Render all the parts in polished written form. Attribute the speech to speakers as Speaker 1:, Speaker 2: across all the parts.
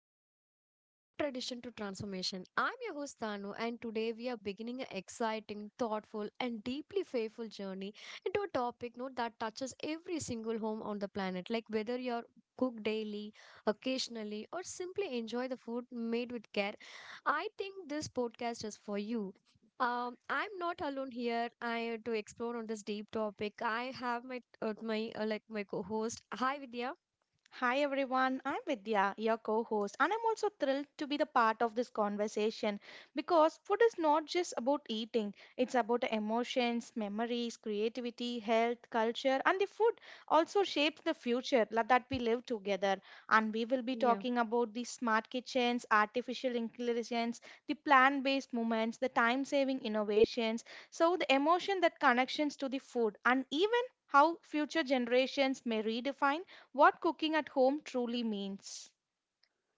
Speaker 1: Home Cooking From Tradition to Transformation. I'm your host, Tanu, and today we are beginning an exciting, thoughtful, and deeply faithful journey into a topic note that touches every single home on the planet. Like whether you're cook daily, occasionally, or simply enjoy the food made with care, I think this podcast is for you. I'm not alone here. I to explore on this deep topic. I have my my like my co-host. Hi, Vidya.
Speaker 2: Hi everyone, I'm Vidya, your co host, and I'm also thrilled to be the part of this conversation because food is not just about eating, it's about emotions, memories, creativity, health, culture, and the food also shapes the future that we live together. And we will be
Speaker 1: Yeah.
Speaker 2: talking about the smart kitchens, artificial intelligence, the plant based movements, the time saving innovations, so the emotion that connections to the food, and even how future generations may redefine what cooking at home truly means.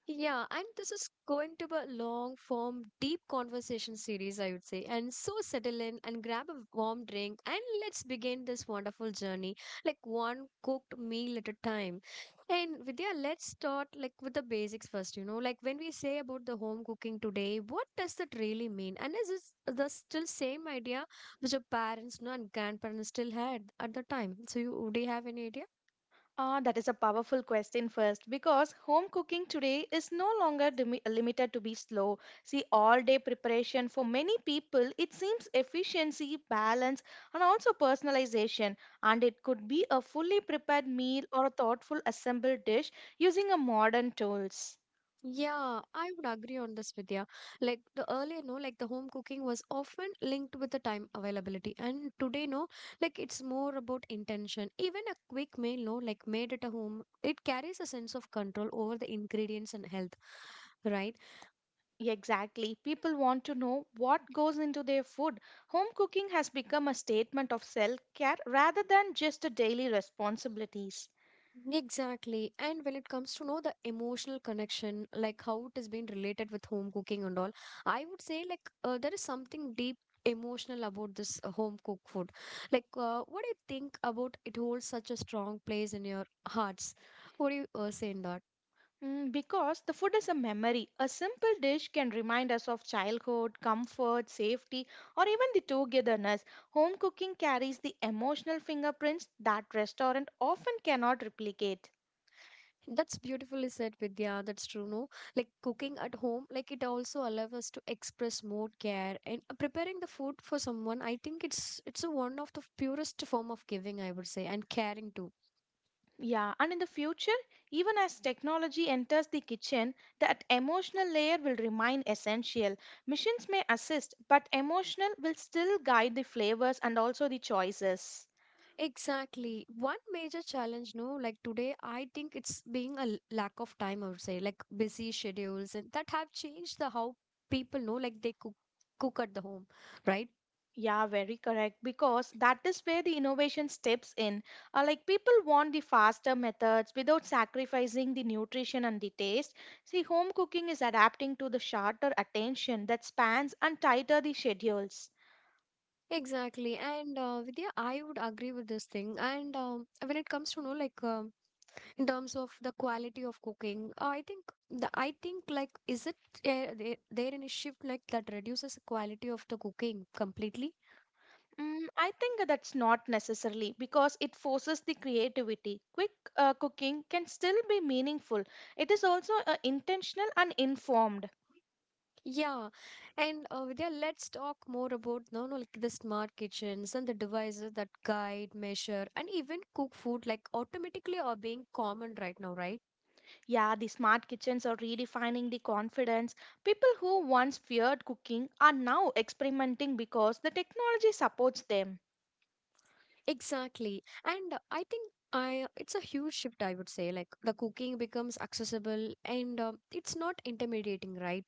Speaker 1: Yeah, and this is going to be a long form, deep conversation series, I would say. And so settle in and grab a warm drink and let's begin this wonderful journey, like one cooked meal at a time. And Vidya, let's start like with the basics first, you know, like when we say about the home cooking today, what does that really mean? And is this the still same idea which your parents, you know, and grandparents still had at the time? So you, do you have any idea?
Speaker 2: That is a powerful question first because home cooking today is no longer limited to be slow. See, all day preparation for many people, it seems efficiency, balance, and also personalization. And it could be a fully prepared meal or a thoughtful assembled dish using a modern tools.
Speaker 1: Yeah, I would agree on this, Vidya. Like the earlier, no, like the home cooking was often linked with the time availability, and today, no, like it's more about intention. Even a quick meal, no, like made at a home, it carries a sense of control over the ingredients and health, right?
Speaker 2: Exactly. People want to know what goes into their food. Home cooking has become a statement of self care rather than just a daily responsibilities.
Speaker 1: Exactly. And when it comes to know the emotional connection, like how it has been related with home cooking and all, I would say like there is something deep emotional about this home cooked food. Like, what do you think about it holds such a strong place in your hearts? What do you say in that?
Speaker 2: Because the food is a memory. A simple dish can remind us of childhood, comfort, safety, or even the togetherness. Home cooking carries the emotional fingerprints that restaurant often cannot replicate.
Speaker 1: That's beautifully said, Vidya. That's true, no? Like cooking at home, like it also allows us to express more care and preparing the food for someone. I think it's a one of the purest form of giving, I would say, and caring too.
Speaker 2: Yeah, and in the future, even as technology enters the kitchen, that emotional layer will remain essential. Machines may assist, but emotional will still guide the flavors and also the choices.
Speaker 1: Exactly. One major challenge, no, like today, I think it's being a lack of time, I would say, like busy schedules and that have changed the how people know, like they cook at the home, right?
Speaker 2: Yeah, very correct. Because that is where the innovation steps in. Like people want the faster methods without sacrificing the nutrition and the taste. See, home cooking is adapting to the shorter attention that spans and tighter the schedules.
Speaker 1: Exactly. And Vidya, I would agree with this thing. And when it comes to, no, like in terms of the quality of cooking, I think the I think like is it there any shift like that reduces the quality of the cooking completely?
Speaker 2: I think that's not necessarily because it forces the creativity. Quick cooking can still be meaningful. It is also intentional and informed.
Speaker 1: Yeah, and Vidya, let's talk more about no, no, like the smart kitchens and the devices that guide, measure, and even cook food like automatically are being common right now, right?
Speaker 2: Yeah, the smart kitchens are redefining the confidence. People who once feared cooking are now experimenting because the technology supports them.
Speaker 1: Exactly, and I think I it's a huge shift. I would say like the cooking becomes accessible and it's not intimidating, right?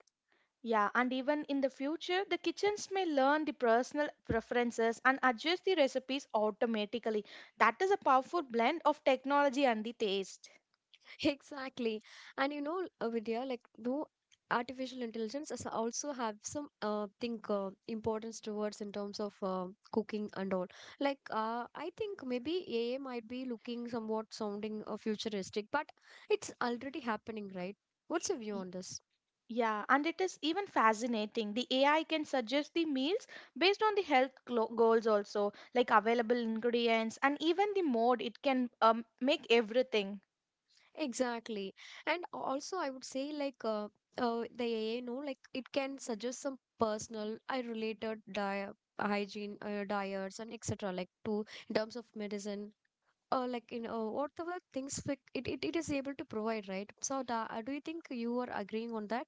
Speaker 2: Yeah, and even in the future, the kitchens may learn the personal preferences and adjust the recipes automatically. That is a powerful blend of technology and the taste.
Speaker 1: Exactly. And you know, Vidya, like, no artificial intelligence is also have some, think, importance towards in terms of cooking and all. Like, I think maybe AI might be looking somewhat sounding futuristic, but it's already happening, right? What's your view on this?
Speaker 2: Yeah, and it is even fascinating. The AI can suggest the meals based on the health goals, also, like available ingredients and even the mode. It can make everything.
Speaker 1: Exactly. And also, I would say, like, the AI, no, like, it can suggest some personal, I related diet, hygiene, diets, and etc. Like, to in terms of medicine like in whatever things like it is able to provide, right? So da, do you think you are agreeing on that?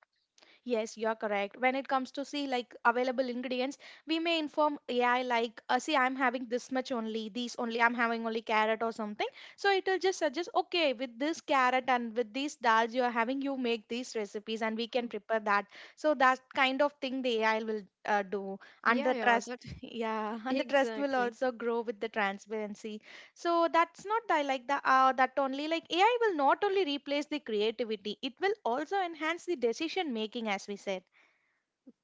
Speaker 2: Yes, you're correct. When it comes to see like available ingredients, we may inform AI like, see, I'm having this much only, these only, I'm having only carrot or something. So it will just suggest, okay, with this carrot and with these dals you are having, you make these recipes and we can prepare that. So that kind of thing the AI will do. And
Speaker 1: Yeah,
Speaker 2: the
Speaker 1: yeah,
Speaker 2: trust,
Speaker 1: that
Speaker 2: yeah, and the trust will
Speaker 1: exactly.
Speaker 2: also grow with the transparency, so that's not the, like the that only like AI will not only replace the creativity, it will also enhance the decision making as we said.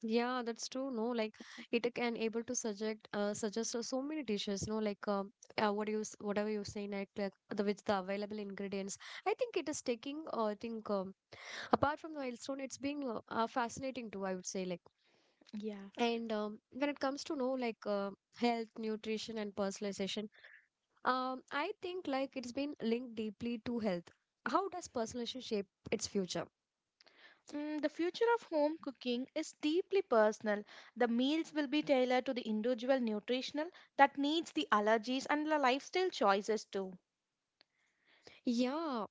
Speaker 1: Yeah, that's true. No, like it can able to suggest so many dishes. No, like what you whatever you say, like the with the available ingredients. I think it is taking. I think apart from the milestone, it's being fascinating too. I would say like,
Speaker 2: Yeah.
Speaker 1: and when it comes to know like health, nutrition, and personalization. I think like it's been linked deeply to health. How does personalization shape its future?
Speaker 2: The future of home cooking is deeply personal. The meals will be tailored to the individual nutritional that needs the allergies and the lifestyle choices too.
Speaker 1: Yeah,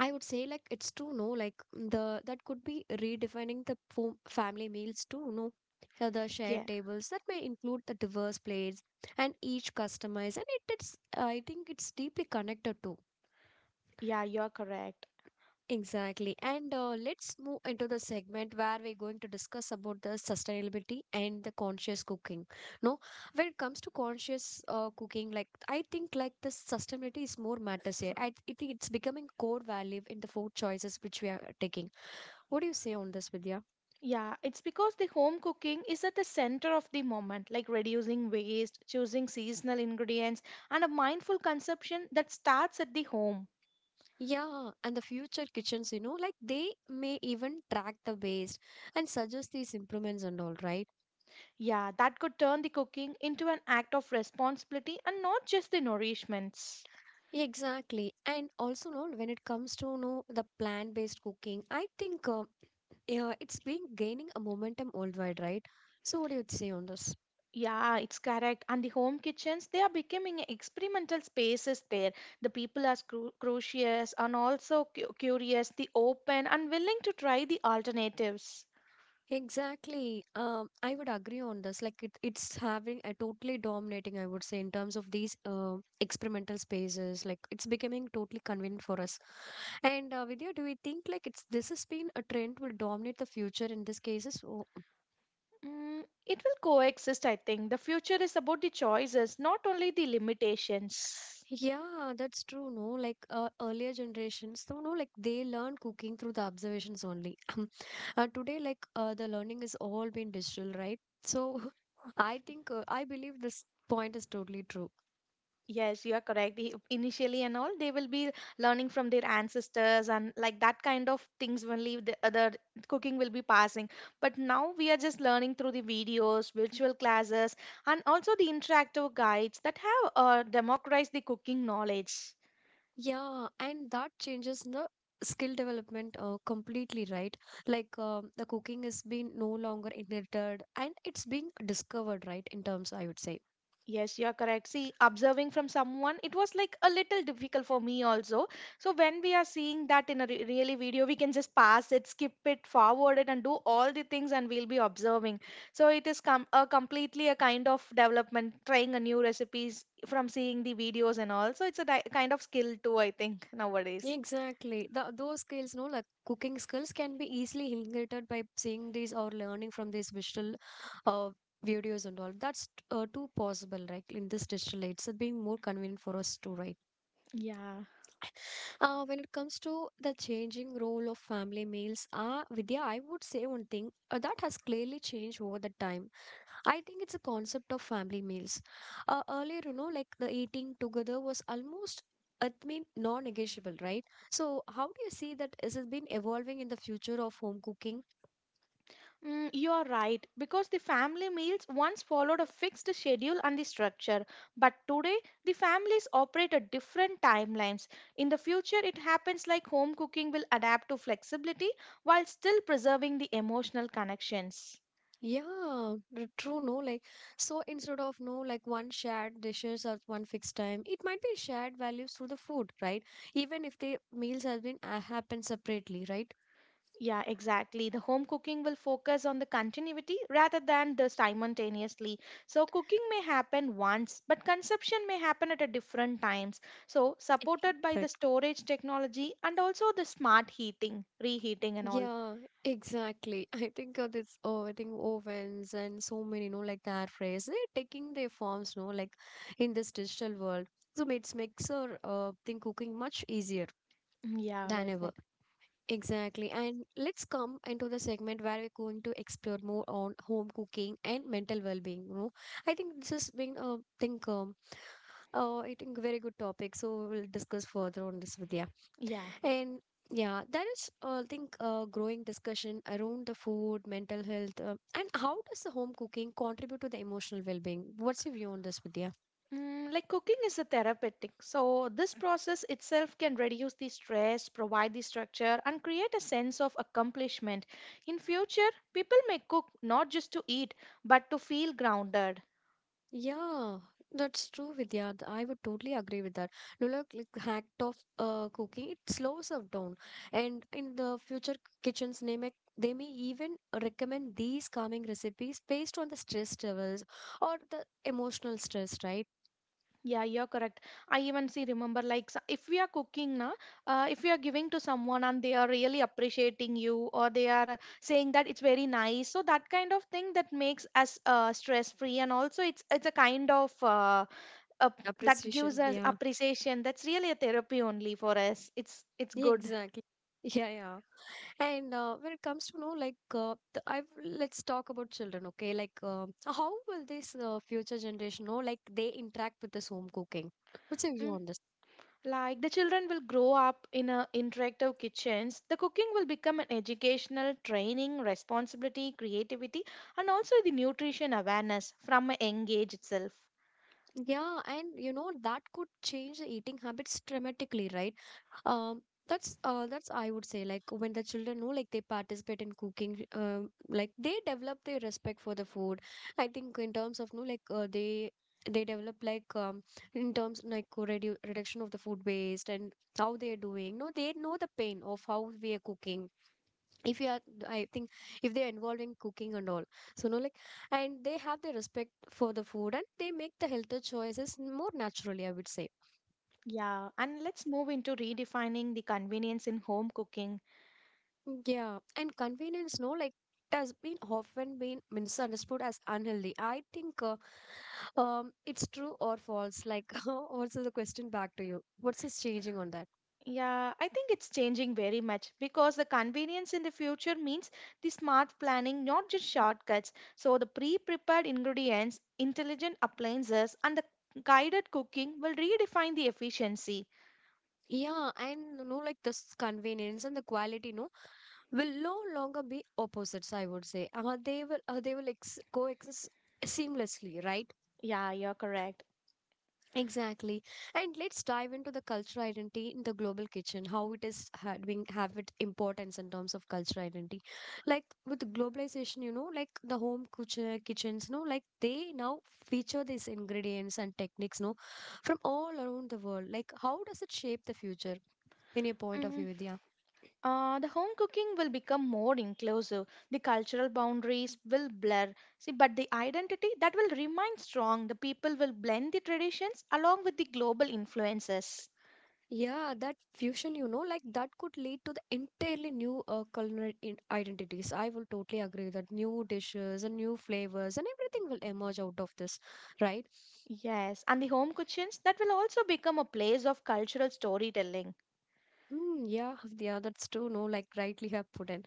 Speaker 1: I would say like it's true. No, like the that could be redefining the family meals too. No, the
Speaker 2: Yeah,
Speaker 1: shared tables that may include the diverse plates and each customized, and it's I think it's deeply connected to.
Speaker 2: yeah, you're correct.
Speaker 1: Exactly. And let's move into the segment where we're going to discuss about the sustainability and the conscious cooking. No, when it comes to conscious cooking, like I think like the sustainability is more matters here. I think it's becoming core value in the food choices which we are taking. What do you say on this, Vidya?
Speaker 2: Yeah, it's because the home cooking is at the center of the moment, like reducing waste, choosing seasonal ingredients, and a mindful consumption that starts at the home.
Speaker 1: Yeah, and the future kitchens, you know, like they may even track the waste and suggest these improvements and all, right?
Speaker 2: Yeah, that could turn the cooking into an act of responsibility and not just the nourishments.
Speaker 1: Exactly. And also, no, when it comes to no the plant-based cooking, I think yeah, it's been gaining a momentum worldwide, right? So what do you say on this?
Speaker 2: Yeah, it's correct. And the home kitchens, they are becoming experimental spaces there. The people are curious and also curious, the open and willing to try the alternatives.
Speaker 1: Exactly. I would agree on this. Like it, it's having a totally dominating, I would say, in terms of these experimental spaces. Like it's becoming totally convenient for us. And Vidya, do we think like it's this has been a trend will dominate the future in these cases?
Speaker 2: It will coexist, I think. The future is about the choices, not only the limitations.
Speaker 1: Yeah, that's true. No, like earlier generations, so no, like they learned cooking through the observations only. Today, like the learning has all been digital, right? So I think I believe this point is totally true.
Speaker 2: Yes, you are correct. Initially and all, they will be learning from their ancestors and like that kind of things only the other cooking will be passing. But now we are just learning through the videos, virtual classes, and also the interactive guides that have democratized the cooking knowledge.
Speaker 1: Yeah, and that changes the skill development completely, right? Like the cooking is being no longer inherited and it's being discovered, right? In terms, I would say.
Speaker 2: Yes, you're correct. See, observing from someone, it was like a little difficult for me also. So when we are seeing that in a really video, we can just pass it, skip it, forward it, and do all the things, and we'll be observing. So it is a completely a kind of development, trying a new recipes from seeing the videos and all. So it's a kind of skill too, I think nowadays.
Speaker 1: Exactly. The, those skills, no, like cooking skills, can be easily inherited by seeing these or learning from these visual uh, videos and all. That's too possible, right? In this digital age, so being more convenient for us to write.
Speaker 2: Yeah.
Speaker 1: When it comes to the changing role of family meals, Vidya, I would say one thing that has clearly changed over the time. I think it's a concept of family meals. Earlier, you know, like the eating together was almost, I mean, non-negotiable, right? So, how do you see that is it been evolving in the future of home cooking?
Speaker 2: You are right, because the family meals once followed a fixed schedule and the structure, but today the families operate at different timelines. In the future, it happens like home cooking will adapt to flexibility while still preserving the emotional connections.
Speaker 1: Yeah, true, no? Like, so instead of no, like one shared dishes or one fixed time, it might be shared values through the food, right? Even if the meals have been happen separately, right?
Speaker 2: Yeah, exactly. The home cooking will focus on the continuity rather than the simultaneously. So cooking may happen once, but consumption may happen at a different times. So supported by
Speaker 1: Exactly.
Speaker 2: the storage technology and also the smart heating, reheating and all.
Speaker 1: Yeah, exactly. I think this, oh, I think ovens and so many, you know, like the air fryers, they're taking their forms, no, like in this digital world. So it's makes our thing cooking much easier
Speaker 2: Mm, yeah,
Speaker 1: than
Speaker 2: well
Speaker 1: ever.
Speaker 2: said.
Speaker 1: Exactly. And let's come into the segment where we're going to explore more on home cooking and mental well-being. You know, I think this has been, I think very good topic. So we'll discuss further on this with you.
Speaker 2: Yeah.
Speaker 1: And yeah, that is, I think, a growing discussion around the food, mental health, and how does the home cooking contribute to the emotional well-being? What's your view on this, Vidya?
Speaker 2: Like cooking is a therapeutic, so this process itself can reduce the stress, provide the structure, and create a sense of accomplishment. In future, people may cook not just to eat, but to feel grounded.
Speaker 1: Yeah, that's true, Vidya. I would totally agree with that. No, look, like act of cooking, it slows us down, and in the future kitchens, they may even recommend these calming recipes based on the stress levels or the emotional stress, right?
Speaker 2: Yeah, you're correct. I even see remember like if we are cooking na, if we are giving to someone and they are really appreciating you or they are saying that it's very nice, so that kind of thing that makes us stress free and also it's a kind of up that
Speaker 1: Appreciation.
Speaker 2: gives us
Speaker 1: Yeah,
Speaker 2: appreciation, that's really a therapy only for us, it's good.
Speaker 1: exactly. Yeah, yeah. And when it comes to know, like, the, I've let's talk about children, okay? Like, how will this future generation know, like, they interact with this home cooking? What's your view
Speaker 2: Mm.
Speaker 1: on this?
Speaker 2: Like the children will grow up in a interactive kitchens, the cooking will become an educational training responsibility, creativity, and also the nutrition awareness from a young age itself.
Speaker 1: Yeah, and you know that could change the eating habits dramatically, right? Um, that's I would say like when the children know like they participate in cooking, like they develop their respect for the food. I think in terms of no like they develop like in terms like reduction of the food waste and how they are doing. No, they know the pain of how we are cooking if you are I think if they're involved in cooking and all, so no like, and they have the respect for the food, and they make the healthier choices more naturally, I would say.
Speaker 2: Yeah, and let's move into redefining the convenience in home cooking.
Speaker 1: Yeah, and convenience, no like, it has been often been misunderstood as unhealthy. I think it's true or false. Like, what's the question back to you? What's this changing on that?
Speaker 2: Yeah, I think it's changing very much because the convenience in the future means the smart planning, not just shortcuts. So, the pre prepared ingredients, intelligent appliances, and the guided cooking will redefine the efficiency.
Speaker 1: Yeah, and you know, like this convenience and the quality, no, will no longer be opposites, I would say. They will they will coexist seamlessly, right?
Speaker 2: Yeah, you're correct.
Speaker 1: Exactly. And let's dive into the cultural identity in the global kitchen. How it is having have it importance in terms of cultural identity? Like, with globalization, you know, like the home kitchens no like, they now feature these ingredients and techniques, no, from all around the world. Like, how does it shape the future, in your point of view,
Speaker 2: Mm.
Speaker 1: Vidya?
Speaker 2: The home cooking will become more inclusive. The cultural boundaries will blur. See, but the identity that will remain strong. The people will blend the traditions along with the global influences.
Speaker 1: Yeah, that fusion, you know, like that could lead to the entirely new culinary in identities. I will totally agree that new dishes and new flavors and everything will emerge out of this, right?
Speaker 2: Yes, and the home kitchens that will also become a place of cultural storytelling.
Speaker 1: Mm, yeah, yeah, that's true. No, like rightly have put in.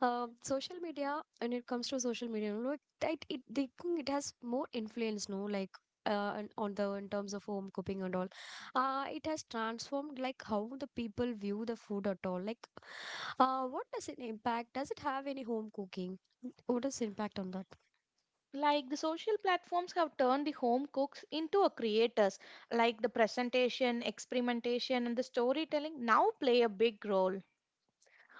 Speaker 1: Social media, when it comes to social media, you know, like think it has more influence, no, like and on the in terms of home cooking and all. It has transformed like how the people view the food at all. Like, what does it impact? Does it have any home cooking? What is impact on that?
Speaker 2: Like the social platforms have turned the home cooks into a creators, like the presentation, experimentation, and the storytelling now play a big role.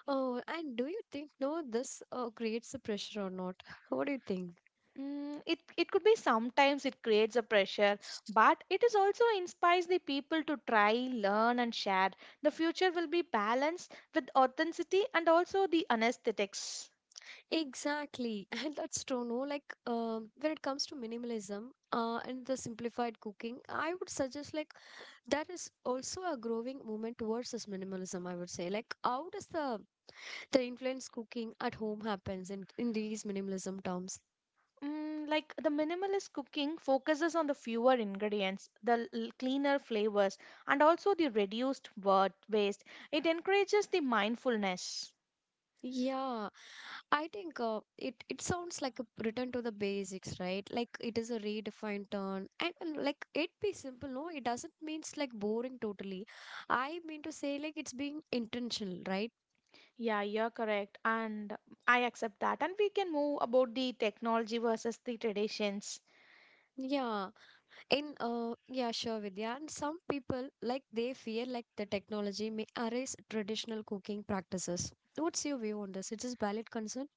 Speaker 1: Oh, and do you think, no, this creates a pressure or not? What do you think?
Speaker 2: It could be sometimes it creates a pressure, but it is also inspires the people to try, learn, and share. The future will be balanced with authenticity and also the anesthetics.
Speaker 1: Exactly, and that's true. No, like when it comes to minimalism and the simplified cooking, I would suggest like that is also a growing movement towards this minimalism. I would say like, how does the influence cooking at home happens in these minimalism terms?
Speaker 2: Like the minimalist cooking focuses on the fewer ingredients, the cleaner flavors, and also the reduced waste. It encourages the mindfulness.
Speaker 1: Yeah, I think it it sounds like a return to the basics, right? Like, it is a redefined term, and like it be simple. No, it doesn't means like boring totally. I mean to say like it's being intentional, right?
Speaker 2: Yeah, you're correct, and I accept that. And we can move about the technology versus the traditions.
Speaker 1: Yeah, in yeah, sure, Vidya. And some people like they fear like the technology may erase traditional cooking practices. What's your view on this? It is valid concern,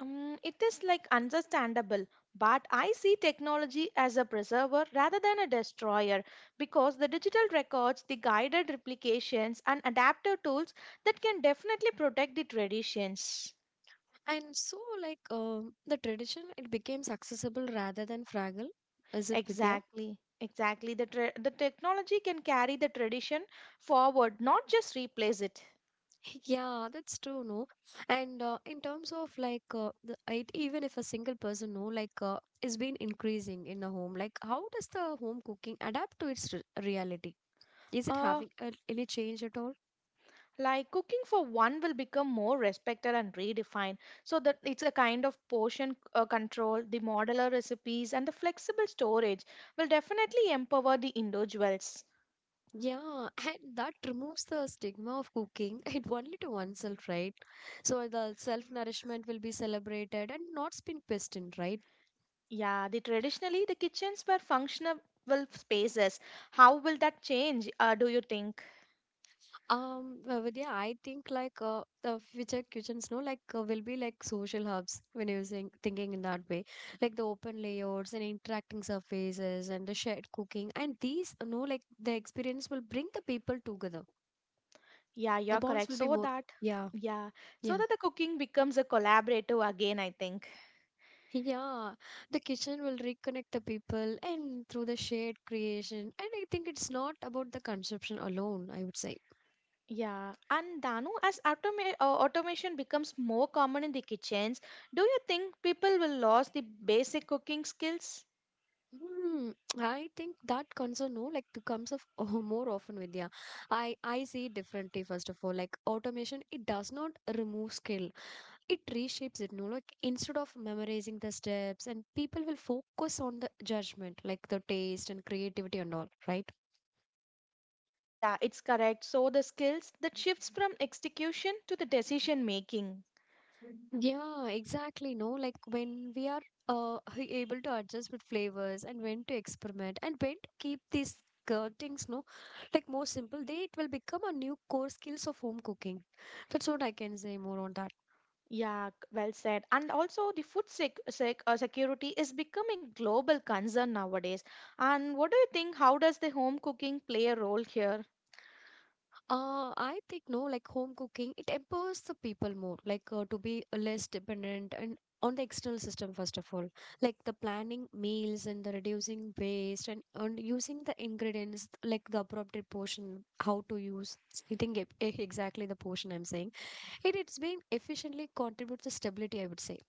Speaker 2: It is like understandable, but I see technology as a preserver rather than a destroyer because the digital records, the guided replications, and adaptive tools that can definitely protect the traditions.
Speaker 1: and so like the tradition it becomes accessible rather than fragile. Is it, Vidya?
Speaker 2: Exactly, exactly. The technology can carry the tradition forward, not just replace it.
Speaker 1: Yeah, that's true, no? And in terms of like the it, even if a single person, no, like is been increasing in the home, like, how does the home cooking adapt to its re reality? Is it
Speaker 2: Uh,
Speaker 1: having any change at all?
Speaker 2: like cooking for one will become more respected and redefined so that it's a kind of portion control, the modular recipes and the flexible storage will definitely empower the individuals.
Speaker 1: Yeah, and that removes the stigma of cooking it only to oneself, right? So the self-nourishment will be celebrated and not been questioned, right?
Speaker 2: Yeah, the traditionally the kitchens were functional spaces, how will that change, do you think?
Speaker 1: Well, but yeah, I think like the future kitchens, no, like will be like social hubs when using thinking in that way, like the open layouts and interacting surfaces and the shared cooking, and these, you know, like the experience will bring the people together.
Speaker 2: Yeah,
Speaker 1: The
Speaker 2: you're
Speaker 1: bonds
Speaker 2: correct,
Speaker 1: will be
Speaker 2: so
Speaker 1: more.
Speaker 2: that.
Speaker 1: Yeah,
Speaker 2: Yeah, so
Speaker 1: yeah,
Speaker 2: that the cooking becomes a collaborative again, I think.
Speaker 1: yeah. The kitchen will reconnect the people and through the shared creation, and I think it's not about the consumption alone, I would say.
Speaker 2: Yeah, and Danu, as automation becomes more common in the kitchens, do you think people will lose the basic cooking skills?
Speaker 1: Hmm, I think that concern, no like, the comes of oh, more often with, yeah. I see it differently first of all. Like, automation, it does not remove skill. It reshapes it. No, like, instead of memorizing the steps, and people will focus on the judgment, like the taste and creativity and all. Right?
Speaker 2: Yeah, it's correct. So the skills that shifts from execution to the decision making.
Speaker 1: Yeah, exactly. No, like when we are uh, able to adjust with flavors and when to experiment and when to keep these things, no, like more simple, they it will become a new core skills of home cooking. That's what I can say more on that.
Speaker 2: Yeah, well said. And also the food security is becoming global concern nowadays. And what do you think? How does the home cooking play a role here?
Speaker 1: I think, no, like, home cooking, it empowers the people more, like to be less dependent and on the external system first of all, like the planning meals and the reducing waste and using the ingredients like the appropriate portion, how to use. I think exactly the portion I'm saying. It it's been efficiently contributes to stability, I would say.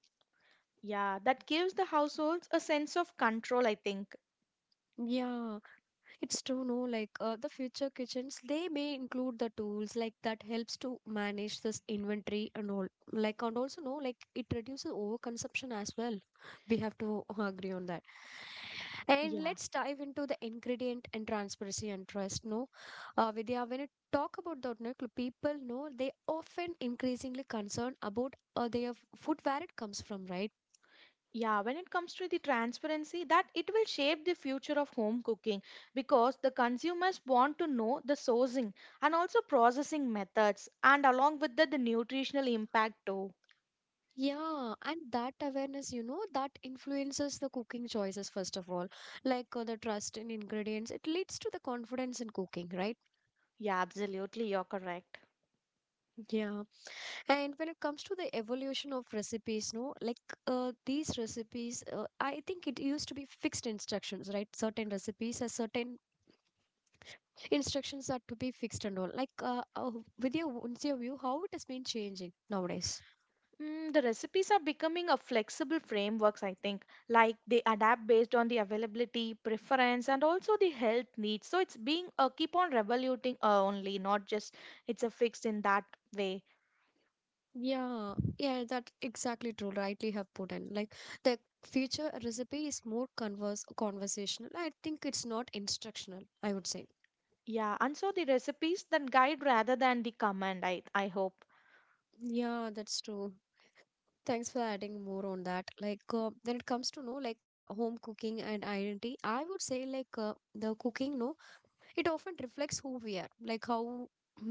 Speaker 2: Yeah, that gives the households a sense of control, I think.
Speaker 1: Yeah. It's true, no, like the future kitchens, they may include the tools like that helps to manage this inventory and all. Like, and also, no, like, it reduces overconsumption as well. We have to agree on that. And
Speaker 2: Yeah.
Speaker 1: let's dive into the ingredient and transparency and trust. No, Vidya, when it talk about the no, people, no, they often increasingly concerned about their food where it comes from, right?
Speaker 2: Yeah, when it comes to the transparency, that it will shape the future of home cooking because the consumers want to know the sourcing and also processing methods and along with that the nutritional impact too.
Speaker 1: Yeah, and that awareness, you know, that influences the cooking choices, first of all, like the trust in ingredients. It leads to the confidence in cooking, right?
Speaker 2: Yeah, absolutely, you're correct.
Speaker 1: Yeah. And when it comes to the evolution of recipes, no, like these recipes, I think it used to be fixed instructions, right? Certain recipes has certain instructions are to be fixed and all. Like, with your view, how it has been changing nowadays.
Speaker 2: The recipes are becoming a flexible frameworks, I think. Like they adapt based on the availability, preference, and also the health needs. So it's being a keep on revoluting only, not just it's a fixed in that way.
Speaker 1: Yeah, yeah, that exactly true. Rightly have put in. Like, the future recipe is more converse conversational. I think it's not instructional, I would say.
Speaker 2: Yeah, and so the recipes that guide rather than the command, I hope.
Speaker 1: Yeah, that's true. Thanks for adding more on that. Like, when it comes to, no like, ha home cooking and identity, I would say like the cooking, no, it often reflects who we are. Like, how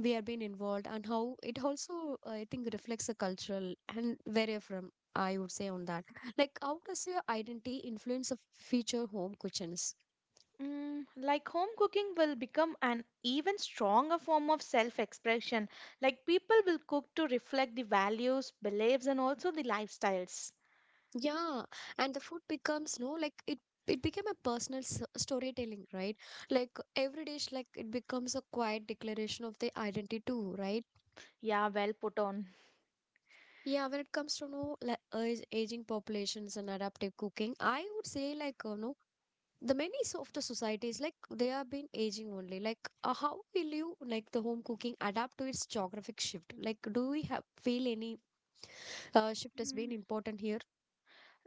Speaker 1: we have been involved and how it also I think reflects the cultural and where you're from, I would say on that. Like, how does your identity influence a future home kitchens?
Speaker 2: Like home cooking will become an even stronger form of self expression. Like people will cook to reflect the values, beliefs, and also the lifestyles.
Speaker 1: Yeah, and the food becomes, no like, it became a personal storytelling, right? Like, every dish, like it becomes a quiet declaration of the identity too, right?
Speaker 2: Yeah, well put on.
Speaker 1: Yeah, when it comes to no like, aging populations and adaptive cooking, I would say like no, the many so, of the societies, like they have been aging only. Like how will you, like, the home cooking adapt to its geographic shift? Like, do we have feel any shift has been
Speaker 2: Mm.
Speaker 1: important here?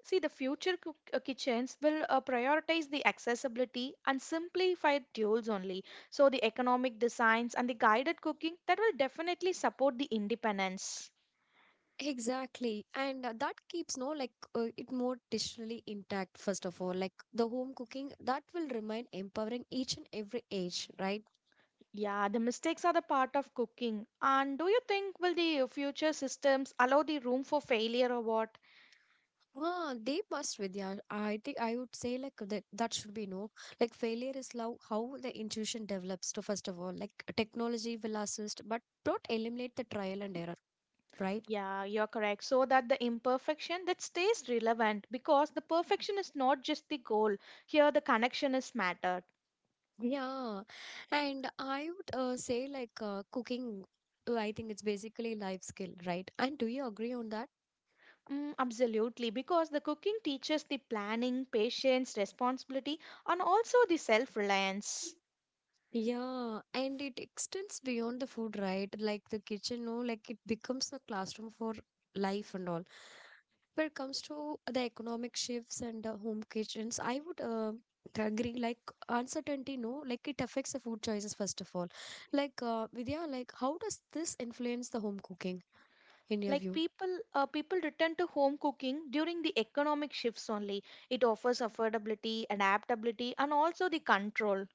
Speaker 2: See, the future kitchens will prioritize the accessibility and simplified tools only. So, the economic designs and the guided cooking that will definitely support the independence.
Speaker 1: Exactly. And that keeps no like it more traditionally intact first of all. Like, the home cooking that will remain empowering each and every age, right?
Speaker 2: Yeah, the mistakes are the part of cooking. And do you think will the future systems allow the room for failure or what?
Speaker 1: Ah, they must with, yeah. I think I would say like that that should be no. Like, failure is how the intuition develops to first of all. Like, technology will assist, but don't eliminate the trial and error, right?
Speaker 2: Yeah, you're correct. So that the imperfection that stays relevant because the perfection is not just the goal. Here the connection is mattered.
Speaker 1: Yeah. And I would say like cooking, I think it's basically life skill, right? And do you agree on that?
Speaker 2: Mm, absolutely, because the cooking teaches the planning, patience, responsibility, and also the self-reliance.
Speaker 1: Yeah, and it extends beyond the food, right? Like, the kitchen, no, like, it becomes a classroom for life and all. When it comes to the economic shifts and home kitchens, I would agree. Like, uncertainty, no, like, it affects the food choices first of all. Like Vidya, like, how does this influence the home cooking in your
Speaker 2: Like
Speaker 1: view?
Speaker 2: people return to home cooking during the economic shifts only. It offers affordability, adaptability, and also the control.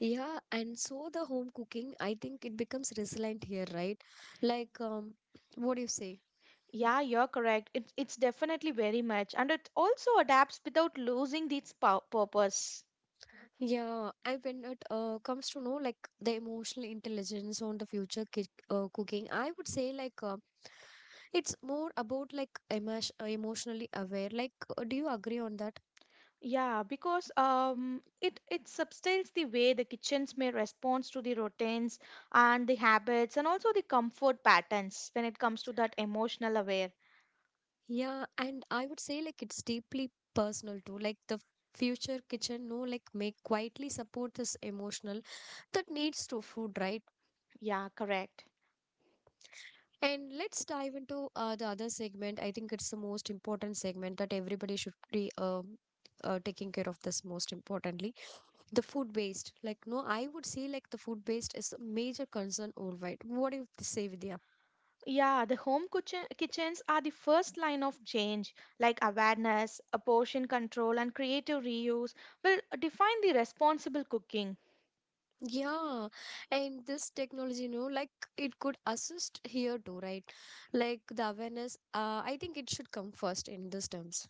Speaker 1: Yeah, and so the home cooking, I think it becomes resilient here, right? Like, what do you say?
Speaker 2: Yeah, you're correct. It's definitely very much, and it also adapts without losing its purpose.
Speaker 1: Yeah, and when it comes to know like the emotional intelligence on the future cooking, I would say like it's more about like emotionally aware. Like, do you agree on that?
Speaker 2: Yeah, because it substitutes the way the kitchens may respond to the routines and the habits and also the comfort patterns when it comes to that emotional aware.
Speaker 1: Yeah, and I would say like it's deeply personal too. Like, the future kitchen, no, like, may quietly support this emotional that needs to food, right?
Speaker 2: Yeah, correct.
Speaker 1: And let's dive into the other segment. I think it's the most important segment that everybody should be taking care of this most importantly. The food waste. Like, no, I would say like the food waste is a major concern worldwide. What do you say, Vidya?
Speaker 2: Yeah, the home kitchens are the first line of change, like awareness, a portion control, and creative reuse will define the responsible cooking.
Speaker 1: Yeah. And this technology, you know, like, it could assist here too, right? Like the awareness, I think it should come first in these terms.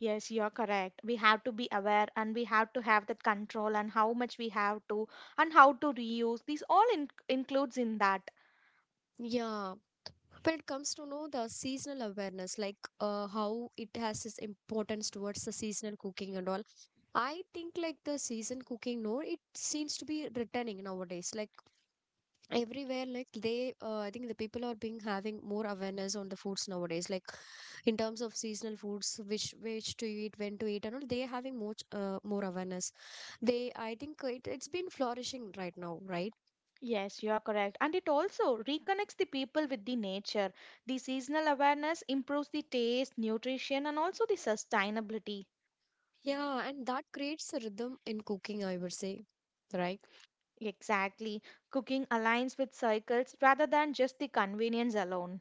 Speaker 2: Yes, you are correct. We have to be aware and we have to have that control and how much we have to and how to reuse. These all includes in that.
Speaker 1: Yeah. When it comes to know the seasonal awareness, like how it has its importance towards the seasonal cooking and all. I think like the season cooking, no, it seems to be returning nowadays, like everywhere. Like they I think the people are being having more awareness on the foods nowadays, like in terms of seasonal foods, which to eat, when to eat and all. They are having more more awareness. They, I think it's been flourishing right now, right?
Speaker 2: Yes, you are correct. And it also reconnects the people with the nature. The seasonal awareness improves the taste, nutrition, and also the sustainability.
Speaker 1: Yeah, and that creates a rhythm in cooking, I would say, right?
Speaker 2: Exactly. Cooking aligns with cycles rather than just the convenience alone.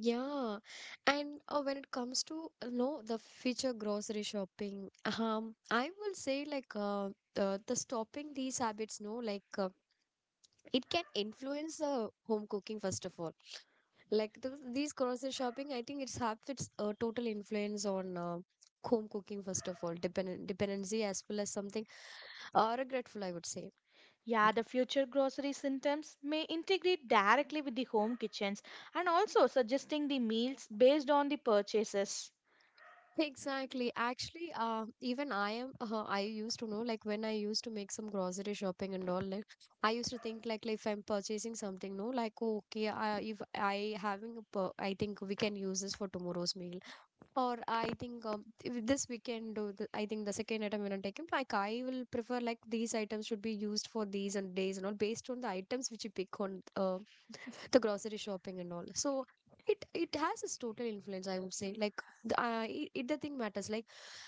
Speaker 1: Yeah, and when it comes to no, the future grocery shopping, I will say like the stopping these habits, no, like it can influence the home cooking first of all. Like, th these grocery shopping, I think it's have its total influence on home cooking first of all, dependent dependency as well as something regretful, I would say.
Speaker 2: Yeah, the future grocery systems may integrate directly with the home kitchens and also suggesting the meals based on the purchases.
Speaker 1: Exactly. Actually, even I am. I used to know, like when I used to make some grocery shopping and all. Like, I used to think, like, if I'm purchasing something, no, like, oh, okay, if I having, a I think we can use this for tomorrow's meal. Or I think if this weekend, or I think the second item when I'm taking, like I will prefer like these items should be used for these and days and all based on the items which you pick on the grocery shopping and all. So it has its total influence, I would say. Like the, it, it the thing matters, like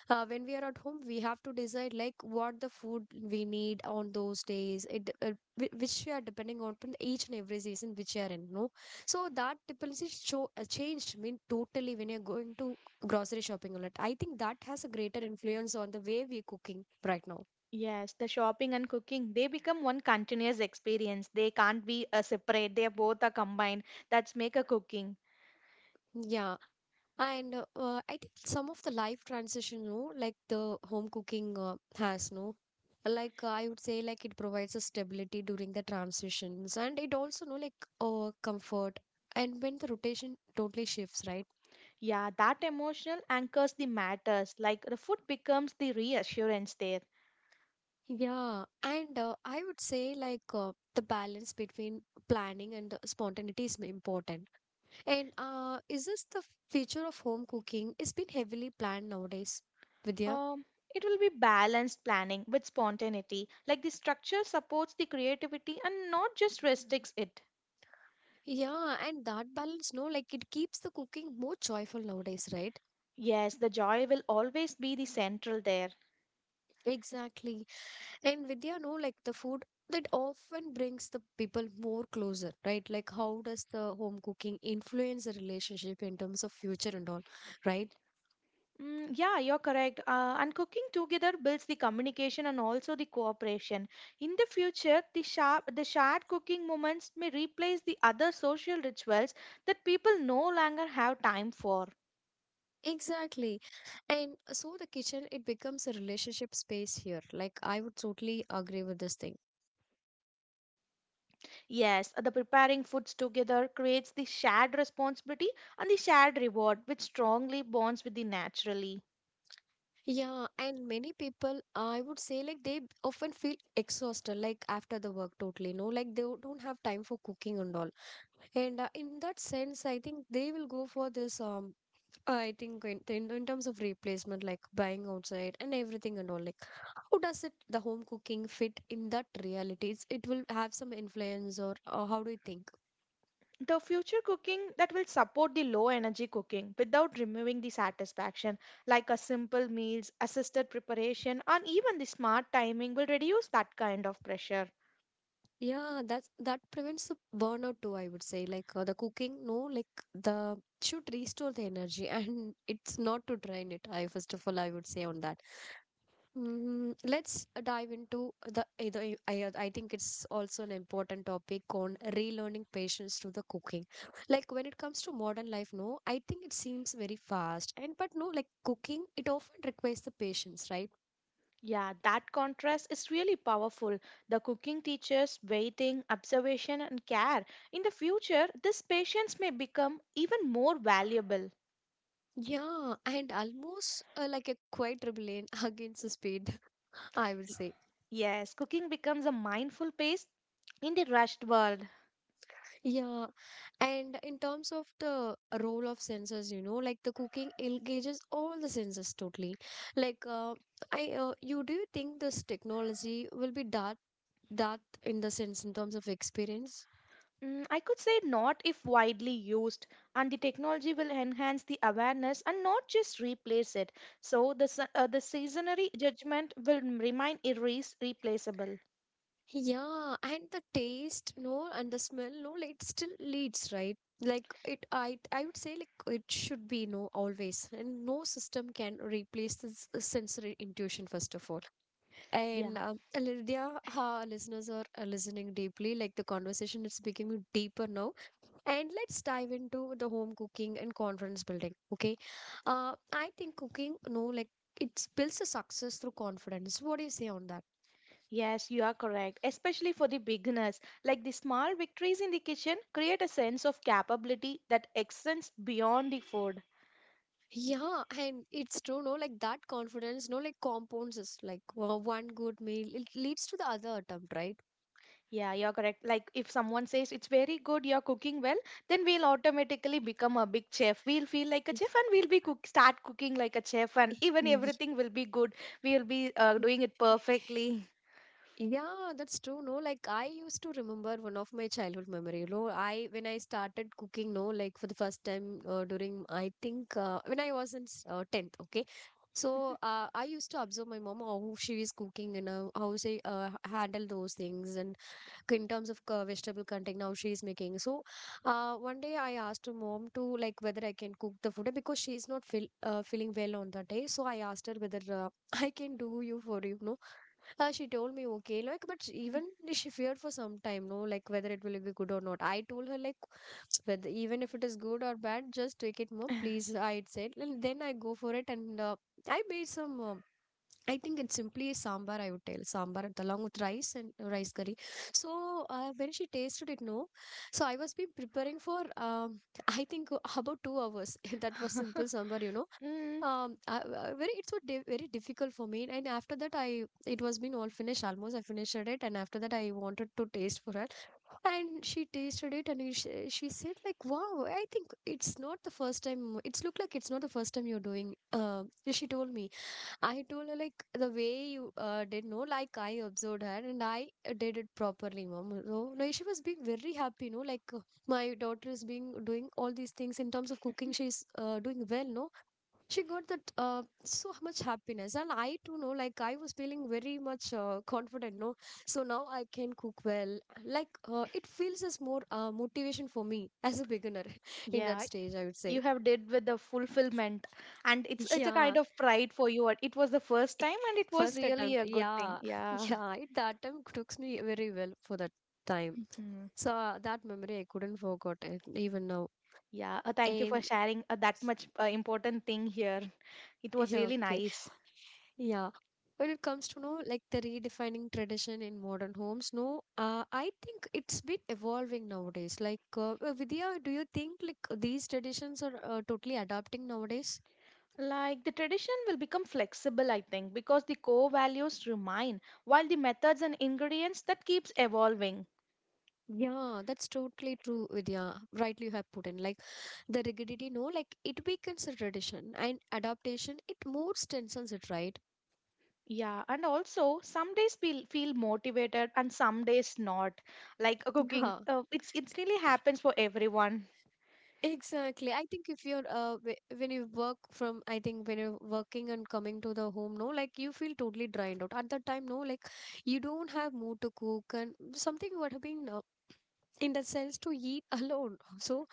Speaker 1: when we are at home we have to decide like what the food we need on those days. Which we are depending on from each and every season which we are in, no. So that dependency show changed, I mean totally, when you're going to grocery shopping a lot. I think that has a greater influence on the way we're cooking right now.
Speaker 2: Yes, the shopping and cooking, they become one continuous experience. They can't be a separate, they both are combined. That's make a cooking.
Speaker 1: Yeah. And I think some of the life transition, no, like the home cooking has, no, like I would say, like it provides a stability during the transitions, and it also, no, like comfort. And when the rotation totally shifts, right?
Speaker 2: Yeah, that emotional anchors the matters, like the food becomes the reassurance there.
Speaker 1: Yeah, and I would say like the balance between planning and the spontaneity is important. And is this the feature of home cooking? It's been heavily planned nowadays, Vidya.
Speaker 2: Um, it will be balanced planning with spontaneity. Like the structure supports the creativity and not just restricts it.
Speaker 1: Yeah, and that balance, no, like it keeps the cooking more joyful nowadays, right?
Speaker 2: Yes, the joy will always be the central there.
Speaker 1: Exactly. And Vidya, no, like the food that often brings the people more closer, right? Like how does the home cooking influence the relationship in terms of future and all, right?
Speaker 2: Mm, yeah, you're correct. And cooking together builds the communication and also the cooperation. In the future, the shared cooking moments may replace the other social rituals that people no longer have time for.
Speaker 1: Exactly. And so the kitchen, it becomes a relationship space here. Like I would totally agree with this thing.
Speaker 2: Yes, the preparing foods together creates the shared responsibility and the shared reward, which strongly bonds with the naturally.
Speaker 1: Yeah, and many people, I would say, like they often feel exhausted, like after the work, totally. No, like they don't have time for cooking and all. And in that sense, I think they will go for this. I think in terms of replacement, like buying outside and everything and all. Like, how does it the home cooking fit in that reality? It's, it will have some influence, or how do you think?
Speaker 2: The future cooking that will support the low energy cooking without removing the satisfaction, like a simple meals, assisted preparation, and even the smart timing will reduce that kind of pressure.
Speaker 1: Yeah, that's that prevents the burnout too, I would say. Like the cooking, no, like the should restore the energy and it's not to drain it. I, first of all, I would say on that. Mm, let's dive into the either I think it's also an important topic on relearning patience to the cooking. Like when it comes to modern life, no, I think it seems very fast and but no, like cooking, it often requires the patience, right?
Speaker 2: Yeah, that contrast is really powerful. The cooking teaches waiting, observation, and care. In the future, this patience may become even more valuable.
Speaker 1: Yeah, and almost like a quiet rebellion against the speed, I would say.
Speaker 2: Yes, cooking becomes a mindful pace in the rushed world.
Speaker 1: Yeah, and in terms of the role of sensors, you know, like the cooking engages all the sensors totally. Like, you do you think this technology will be that that in the sense in terms of experience?
Speaker 2: Mm, I could say not if widely used, and the technology will enhance the awareness and not just replace it. So the seasonary judgment will remain irre replaceable.
Speaker 1: Yeah, and the taste, no, and the smell, no, like, it still leads, right? Like it, I would say like it should be no always, and no system can replace this sensory intuition first of all. And
Speaker 2: Yeah.
Speaker 1: Lydia, our listeners are listening deeply. Like the conversation is becoming deeper now. And let's dive into the home cooking and confidence building. Okay. I think cooking, no, like it builds a success through confidence. What do you say on that?
Speaker 2: Yes, you are correct. Especially for the beginners, like the small victories in the kitchen create a sense of capability that extends beyond the food.
Speaker 1: Yeah, and it's true, no, like that confidence, no, like compounds is like one good meal, it leads to the other attempt, right?
Speaker 2: Yeah, you're correct. Like, if someone says it's very good, you're cooking well, then we'll automatically become a big chef. We'll feel like a chef and we'll be cook start cooking like a chef, and even
Speaker 1: It's-
Speaker 2: everything will be good. We'll be doing it perfectly.
Speaker 1: Yeah, that's true. No, like I used to remember one of my childhood memory. You know, I when I started cooking, no, like for the first time during I think when I was in tenth. Okay, so I used to observe my mom how she is cooking and how she handle those things and in terms of vegetable content how she is making. So one day I asked her mom to like whether I can cook the food because she is not feeling well on that day. So I asked her whether I can do you for you know she told me okay, like, but even she feared for some time, no, like whether it will be good or not. I told her like, whether even if it is good or bad, just take it, mom, please. I said, and then I go for it, and I made some. I think it's simply a sambar. I would tell sambar along with rice and rice curry. So when she tasted it, no, so I was been preparing for um, I think about 2 hours. That was simple sambar, you know.
Speaker 2: Mm,
Speaker 1: Very it's so very difficult for me, and after that, I it was been all finished. Almost I finished it, and after that I wanted to taste for her, and she tasted it, and she said like, wow, I think it's not the first time, it's look like it's not the first time you're doing she told me. I told her like the way you did, know, like I observed her and I did it properly, mom. So like she was being very happy. No, like my daughter is being doing all these things in terms of cooking, she's doing well, no, she got that so much happiness, and I too know like I was feeling very much confident, no. So now I can cook well, like it feels as more motivation for me as a beginner in that
Speaker 2: yeah,
Speaker 1: stage I would
Speaker 2: you
Speaker 1: say.
Speaker 2: have did with the fulfillment, and it's a kind
Speaker 1: Yeah.
Speaker 2: of pride for you. It was the first time, and it was
Speaker 1: First
Speaker 2: really
Speaker 1: attempt,
Speaker 2: a good thing.
Speaker 1: yeah.
Speaker 2: Yeah.
Speaker 1: Yeah, it, the attempt took me very well for that time.
Speaker 2: Mhm.
Speaker 1: So that memory I couldn't forget it even now.
Speaker 2: Yeah, thank you for
Speaker 1: And
Speaker 2: sharing that much important thing here. It was
Speaker 1: yeah,
Speaker 2: really
Speaker 1: okay.
Speaker 2: nice.
Speaker 1: Yeah. When it comes to know like the redefining tradition in modern homes, no, I think it's been evolving nowadays. Like Vidya, do you think like these traditions are totally adapting nowadays?
Speaker 2: Like the tradition will become flexible, I think, because the core values remain, while the methods and ingredients that keeps evolving.
Speaker 1: Yeah, that's totally true, Vidya. Rightly you have put in. Like the rigidity, no, like it weakens a tradition and adaptation, it more strengthens it, right?
Speaker 2: Yeah, and also some days we feel motivated and some days not. Like cooking,
Speaker 1: Yeah.
Speaker 2: it really happens for everyone.
Speaker 1: Exactly. I think if you're when you work from I think when you're working and coming to the home, no, like you feel totally drained out. At that time, no, like you don't have mood to cook and something would have been in the sense to eat alone. So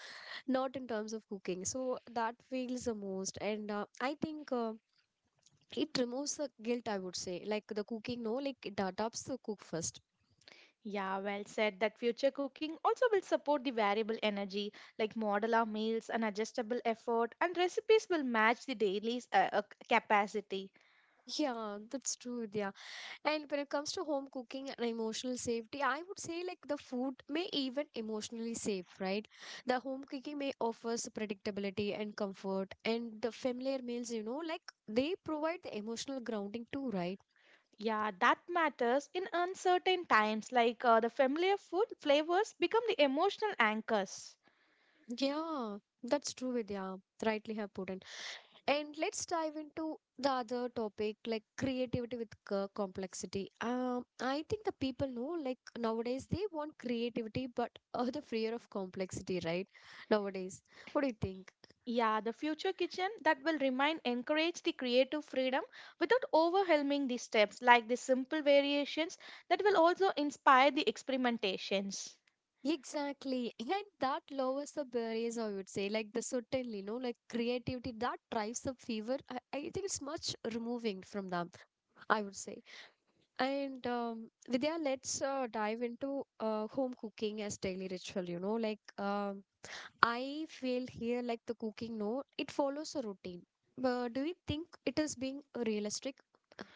Speaker 1: not in terms of cooking. So that feels the most, and I think it removes the guilt. I would say like the cooking, no, like it adapts the cook first.
Speaker 2: Yeah, well said. That future cooking also will support the variable energy, like modular meals and adjustable effort, and recipes will match the daily capacity.
Speaker 1: Yeah, that's true. Yeah. And when it comes to home cooking and emotional safety, I would say like the food may even emotionally safe, right? The home cooking may offers predictability and comfort, and the familiar meals, you know, like they provide the emotional grounding too, right?
Speaker 2: Yeah, that matters in uncertain times, like the familiar food flavors become the emotional anchors.
Speaker 1: Yeah, that's true, Vidya. Rightly have put in. And let's dive into the other topic, like creativity with complexity. I think the people know, like nowadays, they want creativity, but the fear of complexity, right? Nowadays, what do you think?
Speaker 2: Yeah, the future kitchen that will remind encourage the creative freedom without overwhelming the steps, like the simple variations that will also inspire the experimentations.
Speaker 1: Exactly, and that lowers the barriers. I would say, like the certainly, you know, like creativity that drives the fever. I think it's much removing from them. I would say, and Vidya, let's dive into home cooking as daily ritual. You know, like I feel here like the cooking, no, it follows a routine. But do you think it is being realistic?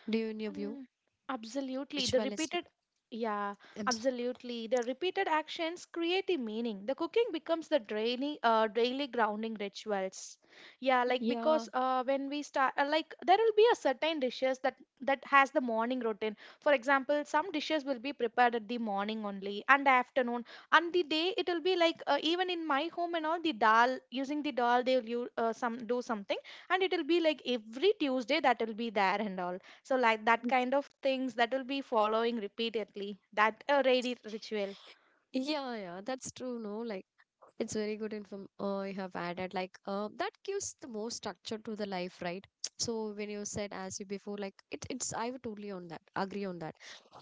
Speaker 1: Do you, in your view,
Speaker 2: Mm, Absolutely. The
Speaker 1: ritualistic?
Speaker 2: repeated, Yeah,
Speaker 1: I'm s-
Speaker 2: absolutely. The repeated actions create a meaning. The cooking becomes the daily grounding rituals. Yeah, like because
Speaker 1: Yeah.
Speaker 2: when we start, like there will be a certain dishes that has the morning routine. For example, some dishes will be prepared at the morning only and afternoon, and the day it will be like even in my home and all the dal using the dal they will some do something, and it will be like every Tuesday that will be there and all, so like that kind of things that will be following repeatedly, that a ready ritual.
Speaker 1: Yeah, yeah, that's true. No, like it's very good inform you have added. Like that gives the more structure to the life, right? So when you said as you before, like it, it's I would totally on that agree on that.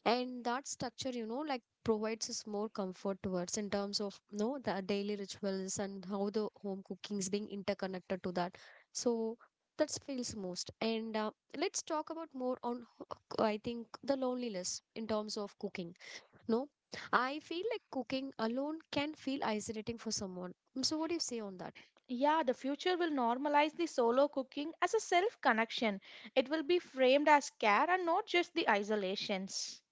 Speaker 1: And that structure, you know, like provides us more comfort towards in terms of no the daily rituals and how the home cooking is being interconnected to that. So that feels most. And let's talk about more on I think the loneliness in terms of cooking no, I feel like cooking alone can feel isolating for someone. Mm, so, what do you say on that?
Speaker 2: Yeah, the future will normalize the solo cooking as a self connection. It will be framed as care and not just the isolations.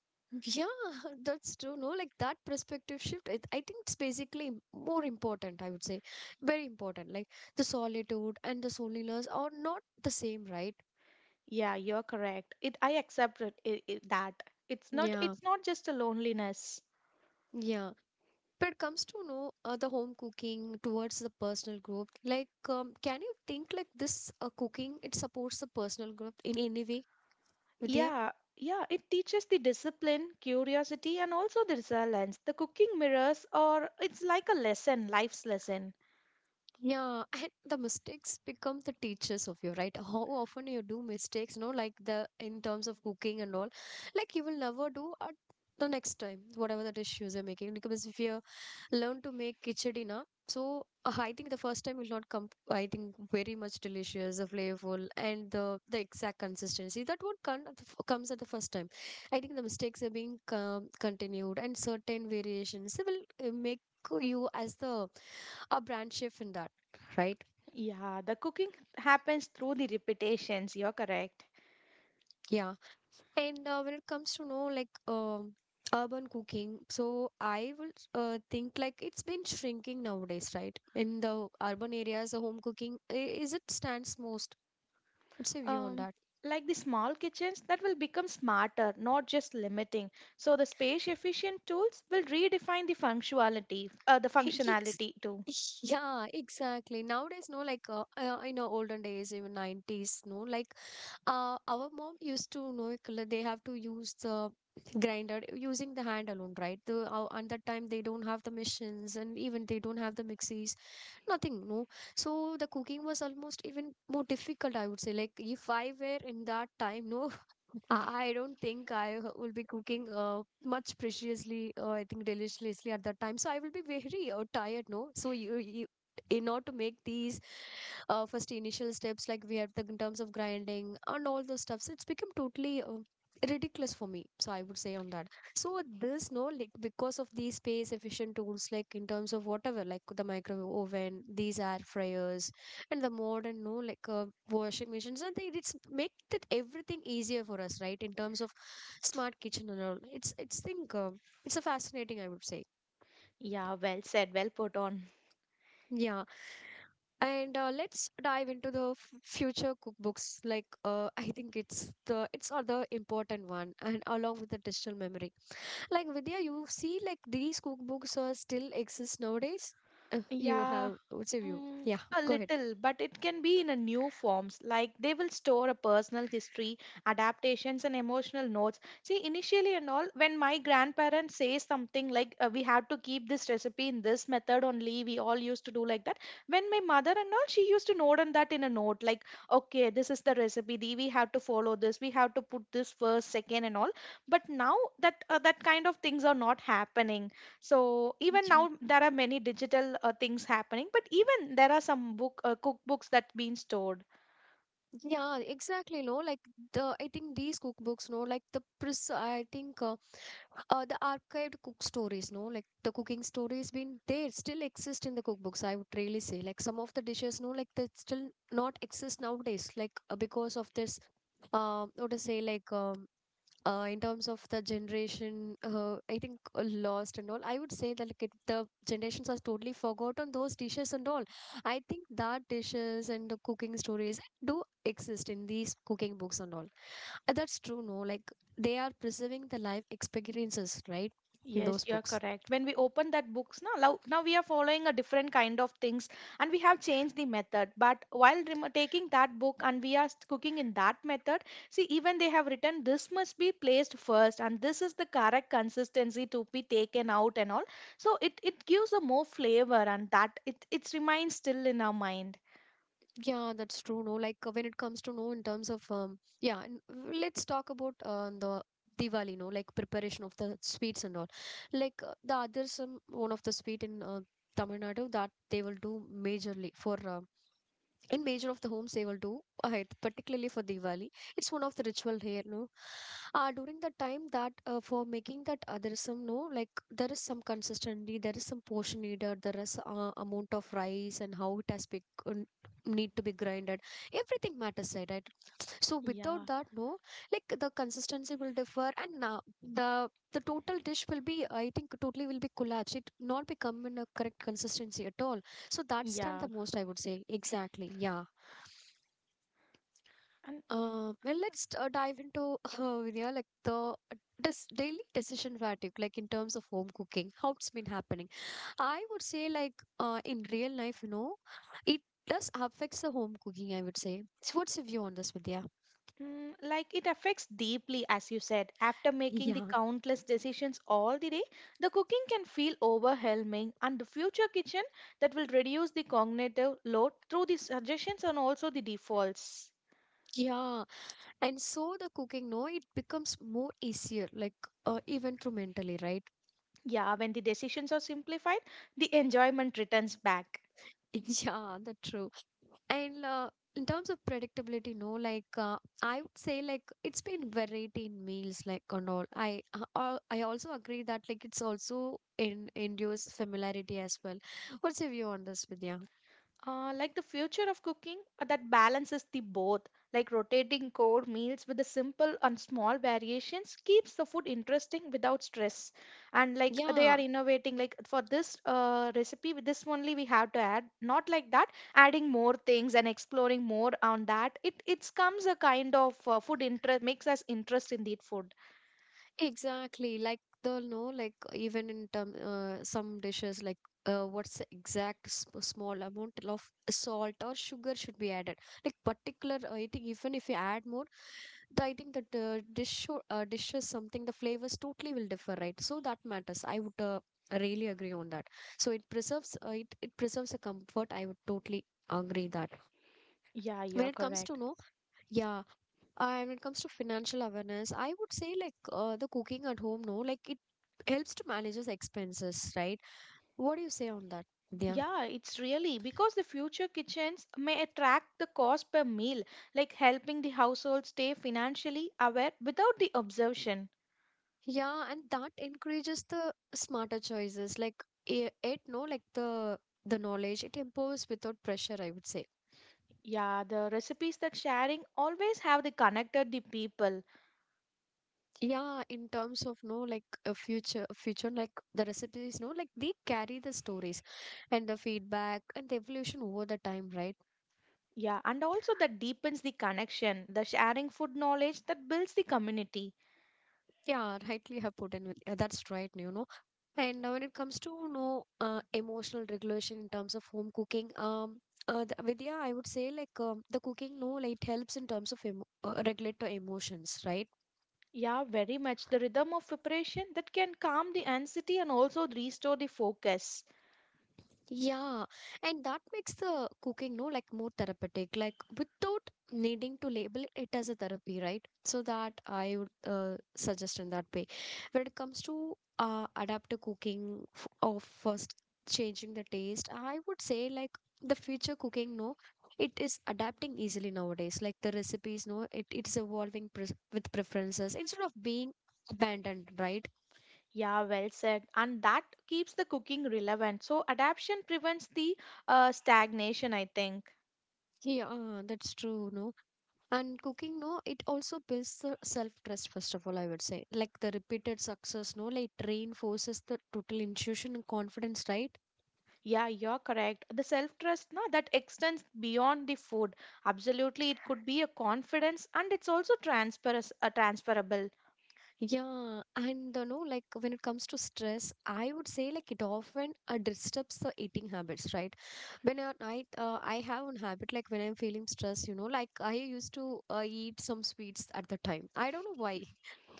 Speaker 1: Yeah, that's true. No, like that perspective shift, it, I think it's basically more important, I would say. Very important. Like the solitude and the loneliness are not the same, right?
Speaker 2: Yeah, you're correct. It I accept it that it's not
Speaker 1: Yeah,
Speaker 2: it's not just a loneliness.
Speaker 1: yeah. But it comes to know the home cooking towards the personal growth. Like, can you think like this cooking, it supports the personal growth in any way, Vidya?
Speaker 2: Yeah, yeah, it teaches the discipline, curiosity, and also the resilience. The cooking mirrors, or it's like life's lesson.
Speaker 1: Yeah, and the mistakes become the teachers of you, right? How often you do mistakes, no, like the in terms of cooking and all, like you will never do at the next time, whatever the dishes you're making. Because if you learn to make khichdi na, I think the first time will not come, I think, very much delicious, the flavorful, and the exact consistency. That what comes at the first time. I think the mistakes are being continued, and certain variations will make you as the a brand shift in that, right?
Speaker 2: Yeah, the cooking happens through the repetitions. You're correct.
Speaker 1: Yeah. And when it comes to know like urban cooking, so I will think like it's been shrinking nowadays, right? In the urban areas, the home is it stands most. What's your view on
Speaker 2: Um,
Speaker 1: that?
Speaker 2: like the small kitchens that will become smarter, not just limiting. So the space efficient tools will redefine the functionality, uh, the functionality too.
Speaker 1: Yes. Yeah, exactly. Nowadays, no, like in our olden days, even 90s, no, like our mom used to know it, like, they have to use the grinder using the hand alone, right? The and that time they don't have the machines and even they don't have the mixies, nothing, no. So the cooking was almost even more difficult, I would say. Like if I were in that time, no, I don't think will be cooking much preciously, I think deliciously at that time. So I will be very tired, no? So in order to make these first initial steps, like we have the, in terms of grinding and all those stuffs, it's become totally ridiculous for me. So I would say on that. So this, no, like because of these space efficient tools, like in terms of whatever, like the microwave oven, these air fryers, and the modern no like washing machines and they it's make that everything easier for us, right? In terms of smart kitchen and all, it's think it's a fascinating, I would say.
Speaker 2: Yeah, well said, well put on.
Speaker 1: Yeah. And let's dive into the future cookbooks, like I think it's the it's other important one, and along with the digital memory, like Vidya, you see, like these cookbooks are still exist nowadays. You
Speaker 2: Yeah,
Speaker 1: have, what's your view?
Speaker 2: mm,
Speaker 1: Yeah,
Speaker 2: a
Speaker 1: go
Speaker 2: little, but it can be in a new forms. Like they will store a personal history, adaptations, and emotional notes. See, initially and all, when my grandparents say something like, "We have to keep this recipe in this method only," we all used to do like that. When my mother and all, she used to note on that in a note, like, "Okay, this is the recipe. We have to follow this. We have to put this first, second, and all." But now that kind of things are not happening, so even
Speaker 1: ahead.
Speaker 2: now there are many digital things happening, but even there are some book cookbooks that been stored.
Speaker 1: Yeah, exactly. No, like the I think these cookbooks, no, like the pres I think the archived cook stories, no, like the cooking stories been there still exist in the cookbooks. I would really say like some of the dishes, no, like they still not exist nowadays, like because of this, what to say, like in terms of the generation, I think lost and all, I would say that like it, the generations are totally forgotten those dishes and all. I think that dishes and the cooking stories do exist in these cooking books and all. That's true, no, like they are preserving the life experiences, right, in
Speaker 2: Yes,
Speaker 1: those
Speaker 2: you are
Speaker 1: books.
Speaker 2: correct. When we open that books now we are following a different kind of things, and we have changed the method, but while remo taking that book and we are cooking in that method, see even they have written this must be placed first and this is the correct consistency to be taken out and all, so it gives a more flavor, and that it remains still in our mind.
Speaker 1: Yeah, that's true. No, like when it comes to no, in terms of yeah, and let's talk about the Diwali. No, like preparation of the sweets and all. Like the other some one of the sweet in Tamil Nadu that they will do majorly for in major of the homes they will do ahead, particularly for Diwali. It's one of the ritual here, no. During the time that for making that there is some no like there is some consistency, there is some portion needed, there is amount of rice and how it has been um, need to be grinded. Everything matters, right? Right? So without
Speaker 2: Yeah,
Speaker 1: that, no, like the consistency will differ, and the total dish will be, I think, totally will be collapsed. It not become in a correct consistency at all, so that's done
Speaker 2: yeah,
Speaker 1: the most, I would say. Exactly. Yeah.
Speaker 2: and.
Speaker 1: Well, let's dive into Vinaya, like the this daily decision fatigue, like in terms of home cooking, how it's been happening. I would say, like in real life, you know, it does affects the home cooking. I would say. So, what's your view on this, Vidya?
Speaker 2: Mm, like it affects deeply, as you said. After making the
Speaker 1: Yeah,
Speaker 2: countless decisions all the day, the cooking can feel overwhelming, and the future kitchen that will reduce the cognitive load through the suggestions and also the defaults.
Speaker 1: yeah, and so the cooking, no, it becomes more easier, like even through mentally, right?
Speaker 2: Yeah, when the decisions are simplified, the enjoyment returns back.
Speaker 1: Yeah, that's true. And in terms of predictability, no, like I would say, like it's been variety in meals, like and all. I also agree that like it's also in induce familiarity as well. What's your view on this, Vidya?
Speaker 2: Like the future of cooking that balances the both, like rotating core meals with the simple and small variations keeps the food interesting without stress. And like they
Speaker 1: Yeah,
Speaker 2: are innovating, like for this recipe, with this only we have to add, not like that, adding more things and exploring more on that. It comes a kind of food interest, makes us interest in the food.
Speaker 1: exactly. Like they'll know, like even in term, some dishes, like what's the exact small amount of salt or sugar should be added. Like particular, I think even if you add more, the, I think that dish should, dishes something the flavors totally will differ, right? So that matters. I would really agree on that. So it preserves, it preserves a comfort. I would totally agree that
Speaker 2: Yeah, you
Speaker 1: when
Speaker 2: are
Speaker 1: it comes to
Speaker 2: correct.
Speaker 1: no, yeah. And when it comes to financial awareness, I would say like the cooking at home, no, like it helps to manage his expenses, right? What do you say on that? Yeah.
Speaker 2: Yeah, it's really because the future kitchens may attract the cost per meal, like helping the household stay financially aware without the observation.
Speaker 1: Yeah, and that encourages the smarter choices. Like it, no, like the knowledge it improves without pressure. I would say.
Speaker 2: Yeah, the recipes that sharing always have the connected the people.
Speaker 1: Yeah, in terms of no, like a future, future like the recipes, no, like they carry the stories and the feedback and the evolution over the time, right?
Speaker 2: Yeah, and also that deepens the connection, the sharing food knowledge that builds the community.
Speaker 1: Yeah, rightly have put in with yeah, that's right, you know. And when it comes to you know emotional regulation in terms of home cooking, the, Vidya, I would say like the cooking, no, like it helps in terms of emo regulate the emotions, right?
Speaker 2: Yeah, very much the rhythm of preparation that can calm the anxiety and also restore the focus.
Speaker 1: Yeah, and that makes the cooking, no, like more therapeutic, like without needing to label it as a therapy, right? So that I would suggest in that way. When it comes to adaptive cooking or first changing the taste, I would say like the future cooking, no, it is adapting easily nowadays. Like the recipes, no, it's evolving pres with preferences instead of being abandoned, right?
Speaker 2: Yeah, well said. And that keeps the cooking relevant. So adaptation prevents the stagnation, I think.
Speaker 1: Yeah, that's true, no. And cooking, no, it also builds the self trust first of all, I would say. Like the repeated success, no, like reinforces the total intuition and confidence, right?
Speaker 2: Yeah, you're correct. The self-trust, no, that extends beyond the food. Absolutely, it could be a confidence and it's also transferable.
Speaker 1: Yeah. And the no, like when it comes to stress, I would say like it often disturbs the eating habits, right? When at night, I have an habit, like when I'm feeling stressed, you know, like I used to eat some sweets at the time, I don't know why.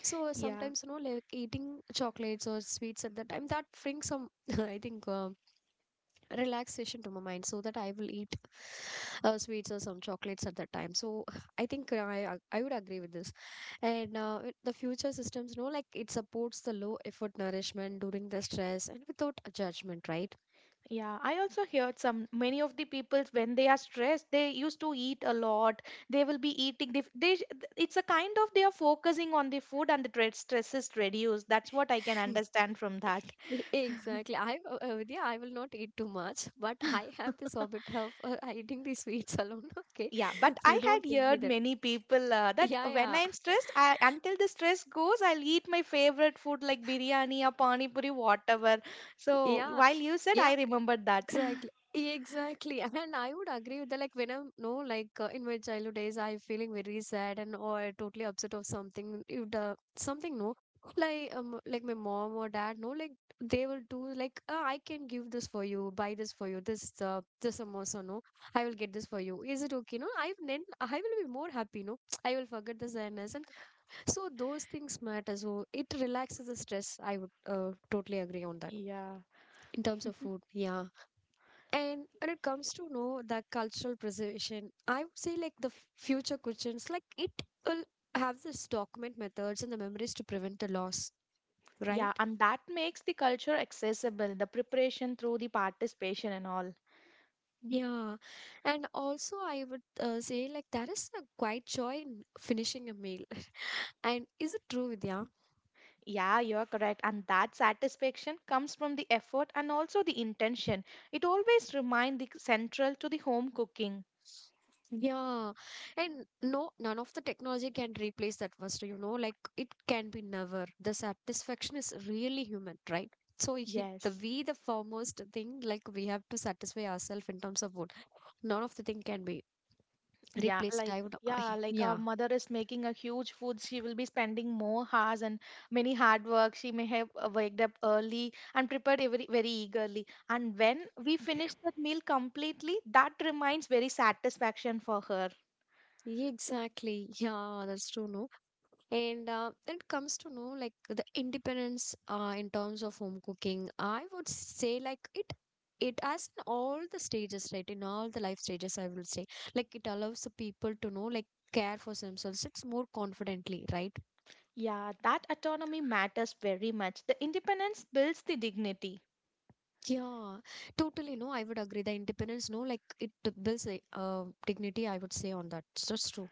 Speaker 1: So
Speaker 2: Yeah.
Speaker 1: sometimes, you know, like eating chocolates or sweets at the time that brings some I think relaxation to my mind, so that I will eat sweets or some chocolates at that time. So I think I would agree with this. And with the future systems, no, like it supports the low effort nourishment during the stress and without a judgment, right?
Speaker 2: Yeah, I also heard some many of the people when they are stressed, they used to eat a lot. They will be eating. It's a kind of they are focusing on the food, and the stress is reduced. That's what I can understand from that.
Speaker 1: Exactly. Vidya, I will not eat too much, but I have this habit of eating the sweets alone. Okay,
Speaker 2: Yeah, but
Speaker 1: so you
Speaker 2: I
Speaker 1: don't
Speaker 2: had
Speaker 1: think me
Speaker 2: heard
Speaker 1: that.
Speaker 2: many people that
Speaker 1: Yeah,
Speaker 2: when
Speaker 1: yeah,
Speaker 2: I'm stressed, until the stress goes, I'll eat my favorite food like biryani or pani puri, whatever. So
Speaker 1: yeah,
Speaker 2: while you said,
Speaker 1: yeah.
Speaker 2: I remembered that.
Speaker 1: Exactly. Exactly. And I would agree with that. Like, when I'm, no, like in my childhood days, I'm feeling very sad and or totally upset of something. If the something, no, like my mom or dad, no, like they will do, like, I can give this for you, buy this for you, this, this samosa, no, I will get this for you. Is it okay? No, I then I will be more happy, no, I will forget the sadness. And so those things matter. So it relaxes the stress. I would totally agree on that
Speaker 2: Yeah,
Speaker 1: in terms of food. Yeah. And when it comes to know the cultural preservation, I would say like the future kitchens, like it will have this document methods and the memories to prevent the loss,
Speaker 2: yeah,
Speaker 1: right?
Speaker 2: and that makes the culture accessible, the preparation through the participation and all.
Speaker 1: Yeah. And also, I would say like there is a quite joy in finishing a meal. And is it true, Vidya?
Speaker 2: Yeah, you're correct. And that satisfaction comes from the effort and also the intention. It always reminds the central to the home cooking.
Speaker 1: Yeah, and no, none of the technology can replace that first, you know, like it can be never. The satisfaction is really human, right? So he, the
Speaker 2: Yes.
Speaker 1: we the foremost thing, like we have to satisfy ourselves in terms of food. None of the thing can be
Speaker 2: Yeah,
Speaker 1: replaced.
Speaker 2: like
Speaker 1: I would, I,
Speaker 2: our
Speaker 1: yeah,
Speaker 2: mother is making a huge food. She will be spending more hours and many hard work. She may have waked up early and prepared every very eagerly. And when we finish that meal completely, that reminds very satisfaction for her.
Speaker 1: exactly. Yeah, that's true. No, and when it comes to know like the independence in terms of home cooking, I would say like it has in all the stages, right? In all the life stages, I will say like it allows the people to know like care for themselves. It's more confidently, right?
Speaker 2: Yeah, that autonomy matters very much. The independence builds the dignity.
Speaker 1: Yeah, totally. No, I would agree. The independence, no, like it builds a dignity, I would say on that. So that's true.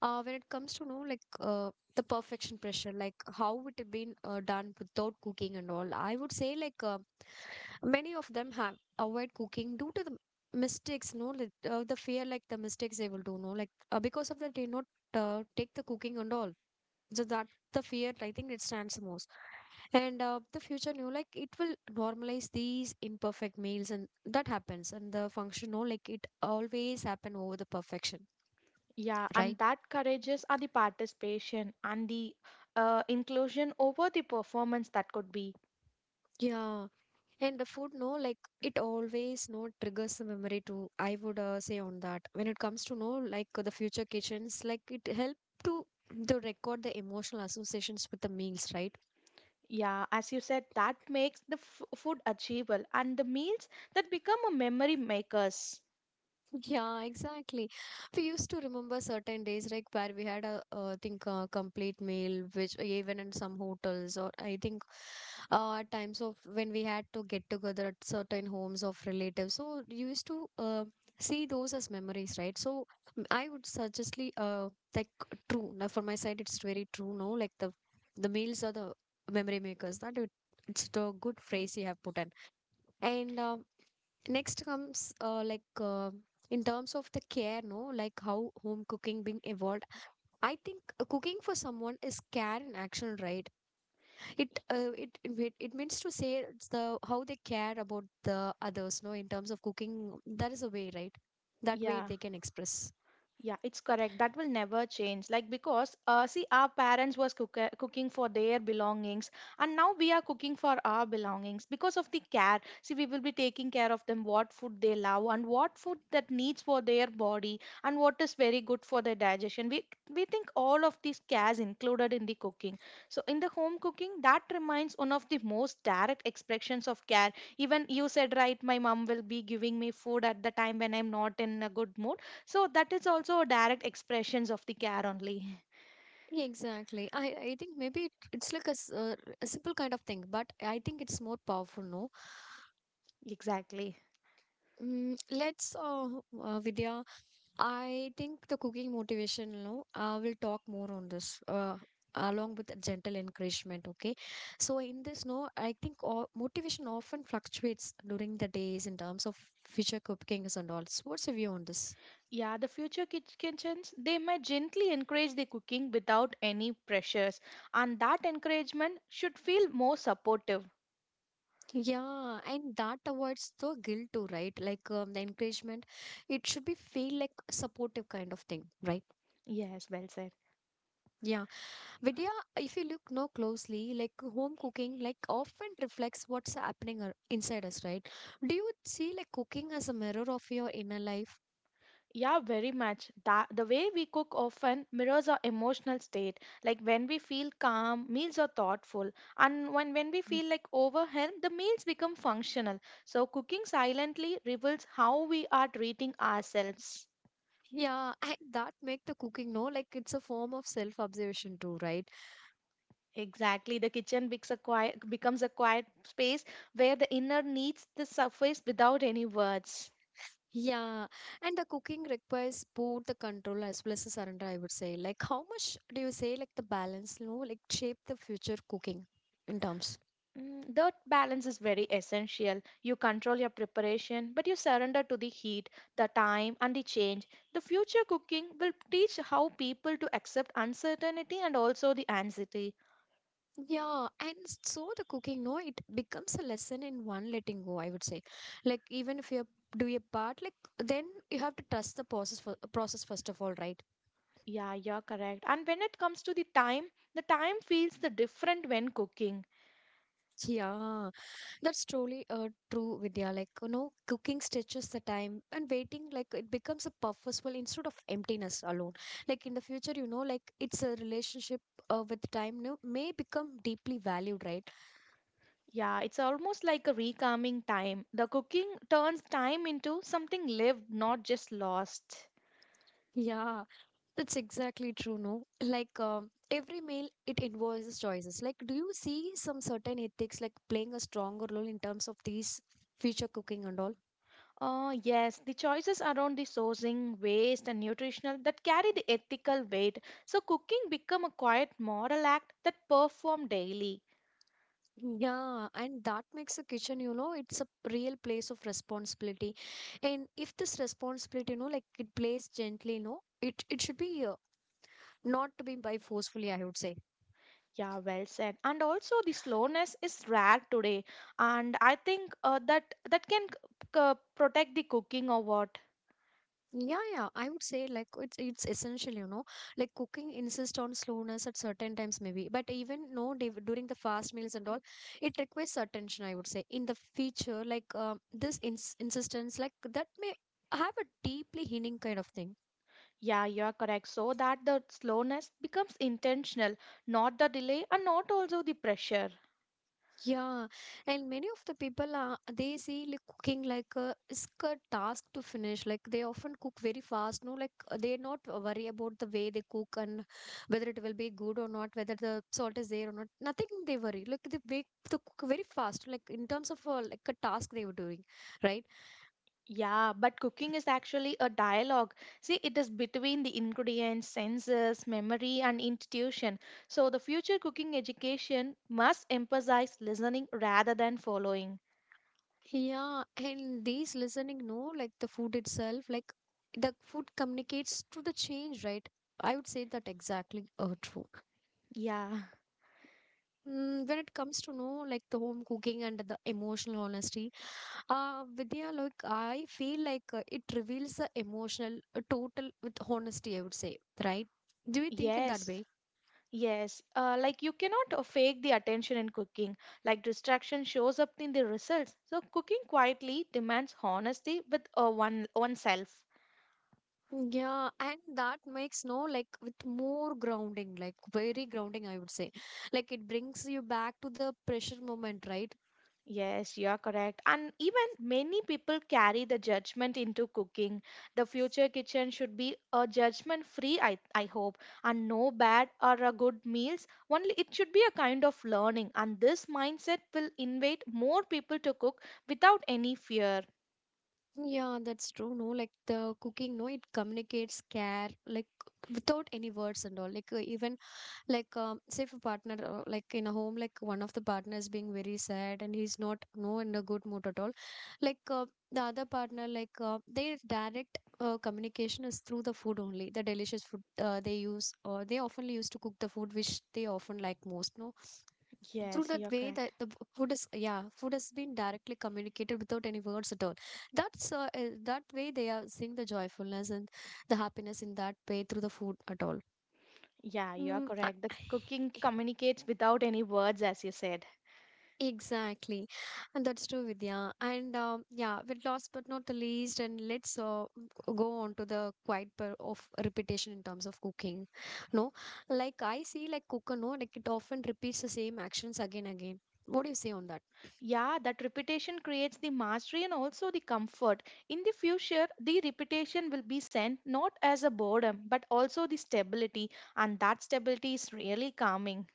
Speaker 1: When it comes to know like the perfection pressure, like how it had been done without cooking and all, I would say. Many of them have avoid cooking due to the mistakes, no, like, the fear like the mistakes they will do, no, like because of that they not take the cooking and all. So that the fear, I think it stands most. And the future new, like it will normalize these imperfect meals, and that happens. And the function, no, like it always happen over the perfection,
Speaker 2: Yeah,
Speaker 1: right?
Speaker 2: and that courageous are the participation and the inclusion over the performance that could be.
Speaker 1: Yeah. And the food, no, like it always, no, triggers the memory too, I would say on that. When it comes to, no, like the future kitchens, like it helped to to record the emotional associations with the meals, right?
Speaker 2: Yeah, as you said, that makes the food achievable and the meals that become a memory makers.
Speaker 1: Yeah, exactly. We used to remember certain days, like where we had a, I think, a complete meal, which even in some hotels or I think times of when we had to get together at certain homes of relatives. So you used to see those as memories, right? So I would suggestly like true. Now for my side, it's very true. No, like the meals are the memory makers. That it, it's the good phrase you have put in. And next comes like. In terms of the care, no, like how home cooking being evolved, I think cooking for someone is care in action, right? It means to say it's the how they care about the others, no, in terms of cooking. That is a way, right? That way
Speaker 2: Yeah.
Speaker 1: they can express.
Speaker 2: Yeah, it's correct. That will never change. Like because see, our parents was cooking for their belongings, and now we are cooking for our belongings because of the care. See, we will be taking care of them, what food they love, and what food that needs for their body, and what is very good for their digestion. We think all of these cares included in the cooking. So in the home cooking, that remains one of the most direct expressions of care. Even you said right, my mom will be giving me food at the time when I'm not in a good mood so that is also direct expressions of the care only.
Speaker 1: Exactly. I think maybe it's like a, a simple kind of thing, but I think it's more powerful, no.
Speaker 2: Exactly.
Speaker 1: Let's, Vidya, I think the cooking motivation, no, I will talk more on this. Along with the gentle encouragement, okay. So in this, no, I think motivation often fluctuates during the days in terms of future cookings and all. So what's your view on this?
Speaker 2: Yeah, the future kitchens, they might gently encourage the cooking without any pressures. And that encouragement should feel more supportive.
Speaker 1: Yeah, and that avoids the guilt too, right? Like the encouragement, it should be feel like supportive kind of thing, right?
Speaker 2: Yes, well said.
Speaker 1: Yeah. Vidya, if you look no closely, like home cooking, like often reflects what's happening inside us, right? Do you see like cooking as a mirror of your inner life?
Speaker 2: Yeah, very much. That, the way we cook often mirrors our emotional state. Like when we feel calm, meals are thoughtful. And when we
Speaker 1: Mm.
Speaker 2: feel like overwhelmed, the meals become functional. So cooking silently reveals how we are treating ourselves.
Speaker 1: Yeah, and that make the cooking no like it's a form of self-observation too, right?
Speaker 2: Exactly. The kitchen becomes a quiet space where the inner needs the surface without any words.
Speaker 1: Yeah, and the cooking requires both the control as well as the surrender, I would say. Like how much do you say like the balance, you know, like shape the future cooking in terms?
Speaker 2: Mm, that balance is very essential. You control your preparation, but you surrender to the heat, the time, and the change. The future cooking will teach how people to accept uncertainty and also the anxiety.
Speaker 1: Yeah, and so the cooking, no, it becomes a lesson in one letting go, I would say. Like even if you're do your part, like then you have to trust the process for process first of all, right?
Speaker 2: Yeah, you're correct. And when it comes to the time feels the different when cooking.
Speaker 1: Yeah, that's truly true, Vidya. Like you know, cooking stretches the time and waiting, like it becomes a purposeful instead of emptiness alone. Like in the future, you know, like it's a relationship with time, no, may become deeply valued, right?
Speaker 2: Yeah, it's almost like a recalming time. The cooking turns time into something lived, not just lost.
Speaker 1: Yeah, that's exactly true, no? Like every meal, it involves choices. Like, do you see some certain ethics like playing a stronger role in terms of these future cooking and all?
Speaker 2: Oh, yes, the choices around the sourcing, waste, and nutritional that carry the ethical weight. So, cooking become a quiet moral act that perform daily.
Speaker 1: Yeah, and that makes a kitchen, you know, it's a real place of responsibility. And if this responsibility, you know, like it plays gently, no, it should be not to be by forcefully, I would say.
Speaker 2: Yeah, well said. And also, the slowness is rare today, and I think that that can protect the cooking or what.
Speaker 1: Yeah, yeah, I would say like it's essential, you know. Like cooking insists on slowness at certain times, maybe, but even no during the fast meals and all, it requires attention. I would say in the future, like this insistence, like that may have a deeply healing kind of thing.
Speaker 2: Yeah, you're correct. So that the slowness becomes intentional, not the delay and not also the pressure.
Speaker 1: Yeah, and many of the people are they see like cooking like a it's a task to finish. Like they often cook very fast, no, like they're not worry about the way they cook and whether it will be good or not, whether the salt is there or not. Nothing they worry. Like they make the cook very fast, like in terms of like a task they were doing, right?
Speaker 2: Yeah, but cooking is actually a dialogue. See, it is between the ingredients, senses, memory, and intuition. So the future cooking education must emphasize listening rather than following.
Speaker 1: Yeah, and these listening, no, like the food itself, like the food communicates to the change, right? I would say that exactly true.
Speaker 2: Yeah,
Speaker 1: Mm, when it comes to know like the home cooking and the emotional honesty, Vidya, like I feel like it reveals the emotional total with honesty, I would say, right? Do you think in that
Speaker 2: yes.
Speaker 1: way?
Speaker 2: Yes, like you cannot fake the attention in cooking. Like distraction shows up in the results. So cooking quietly demands honesty with one oneself.
Speaker 1: Yeah, and that makes no like with more grounding, like very grounding, I would say, like it brings you back to the pressure moment, right?
Speaker 2: Yes, you are correct. And even many people carry the judgment into cooking. The future kitchen should be a judgment free, I hope, and no bad or a good meals. Only it should be a kind of learning, and this mindset will invite more people to cook without any fear.
Speaker 1: Yeah, that's true. No, like the cooking, no, it communicates care, like without any words and all. Like even like say if a partner like in a home like one of the partners being very sad and he's not no in a good mood at all like the other partner like their direct communication is through the food, only the delicious food they use, or they often used to cook the food which they often like most, no. Through
Speaker 2: Yes, you
Speaker 1: that
Speaker 2: are
Speaker 1: way that
Speaker 2: correct.
Speaker 1: the food is, yeah, food has been directly communicated without any words at all. That's that way they are seeing the joyfulness and the happiness in that way through the food at all.
Speaker 2: Yeah, you're
Speaker 1: Mm,
Speaker 2: correct. The cooking communicates without any words, as you said.
Speaker 1: exactly, and that's true, Vidya. And yeah, with last but not the least, and let's go on to the quite per of repetition in terms of cooking. No, like I see, like cooker, no, like it often repeats the same actions again again. What do you say on that?
Speaker 2: Yeah, that repetition creates the mastery and also the comfort. In the future, the repetition will be sent not as a boredom, but also the stability, and that stability is really calming.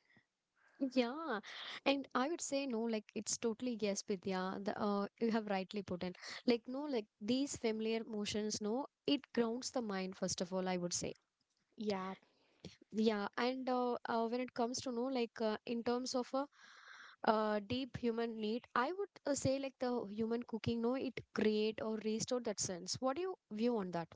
Speaker 1: Yeah, and I would say no, like it's totally yes, Vidya. The, you have rightly put in, like no, like these familiar motions, no, it grounds the mind first of all, I would say.
Speaker 2: Yeah,
Speaker 1: Yeah, and when it comes to know like in terms of a deep human need, I would say like the human cooking, no, it create or restore that sense. What do you view on that?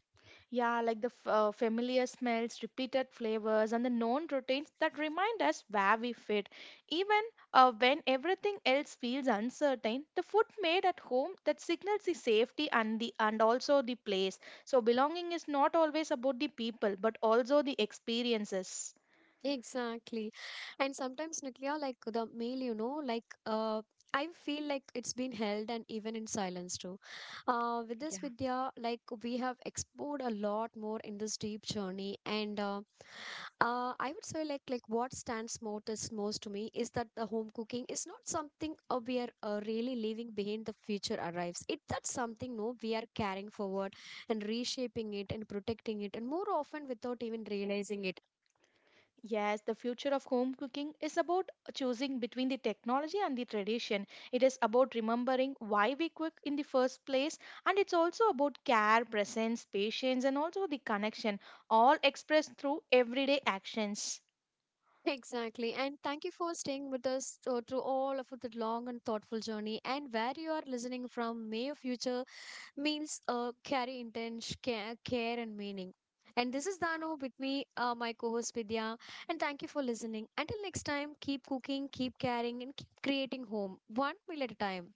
Speaker 2: yeah, like the familiar smells, repeated flavors, and the known routines that remind us where we fit. Even when everything else feels uncertain, the food made at home that signals the safety and the and also the place. So belonging is not always about the people, but also the experiences.
Speaker 1: Exactly. And sometimes, Nuclear, like the mail, you know, like I feel like it's been held and even in silence too. With this
Speaker 2: Yeah.
Speaker 1: Vidya, like we have explored a lot more in this deep journey, and I would say like what stands most is most to me is that the home cooking is not something we are really leaving behind the future arrives. It that's something no we are carrying forward and reshaping it and protecting it, and more often without even realizing it.
Speaker 2: Yes, the future of home cooking is about choosing between the technology and the tradition. It is about remembering why we cook in the first place, and it's also about care, presence, patience, and also the connection, all expressed through everyday actions.
Speaker 1: Exactly. And thank you for staying with us through all of the long and thoughtful journey. And where you are listening from, may your future meals carry intense care, care and meaning. And this is Dano with me, my co host Vidya. And thank you for listening. Until next time, keep cooking, keep caring, and keep creating home one meal at a time.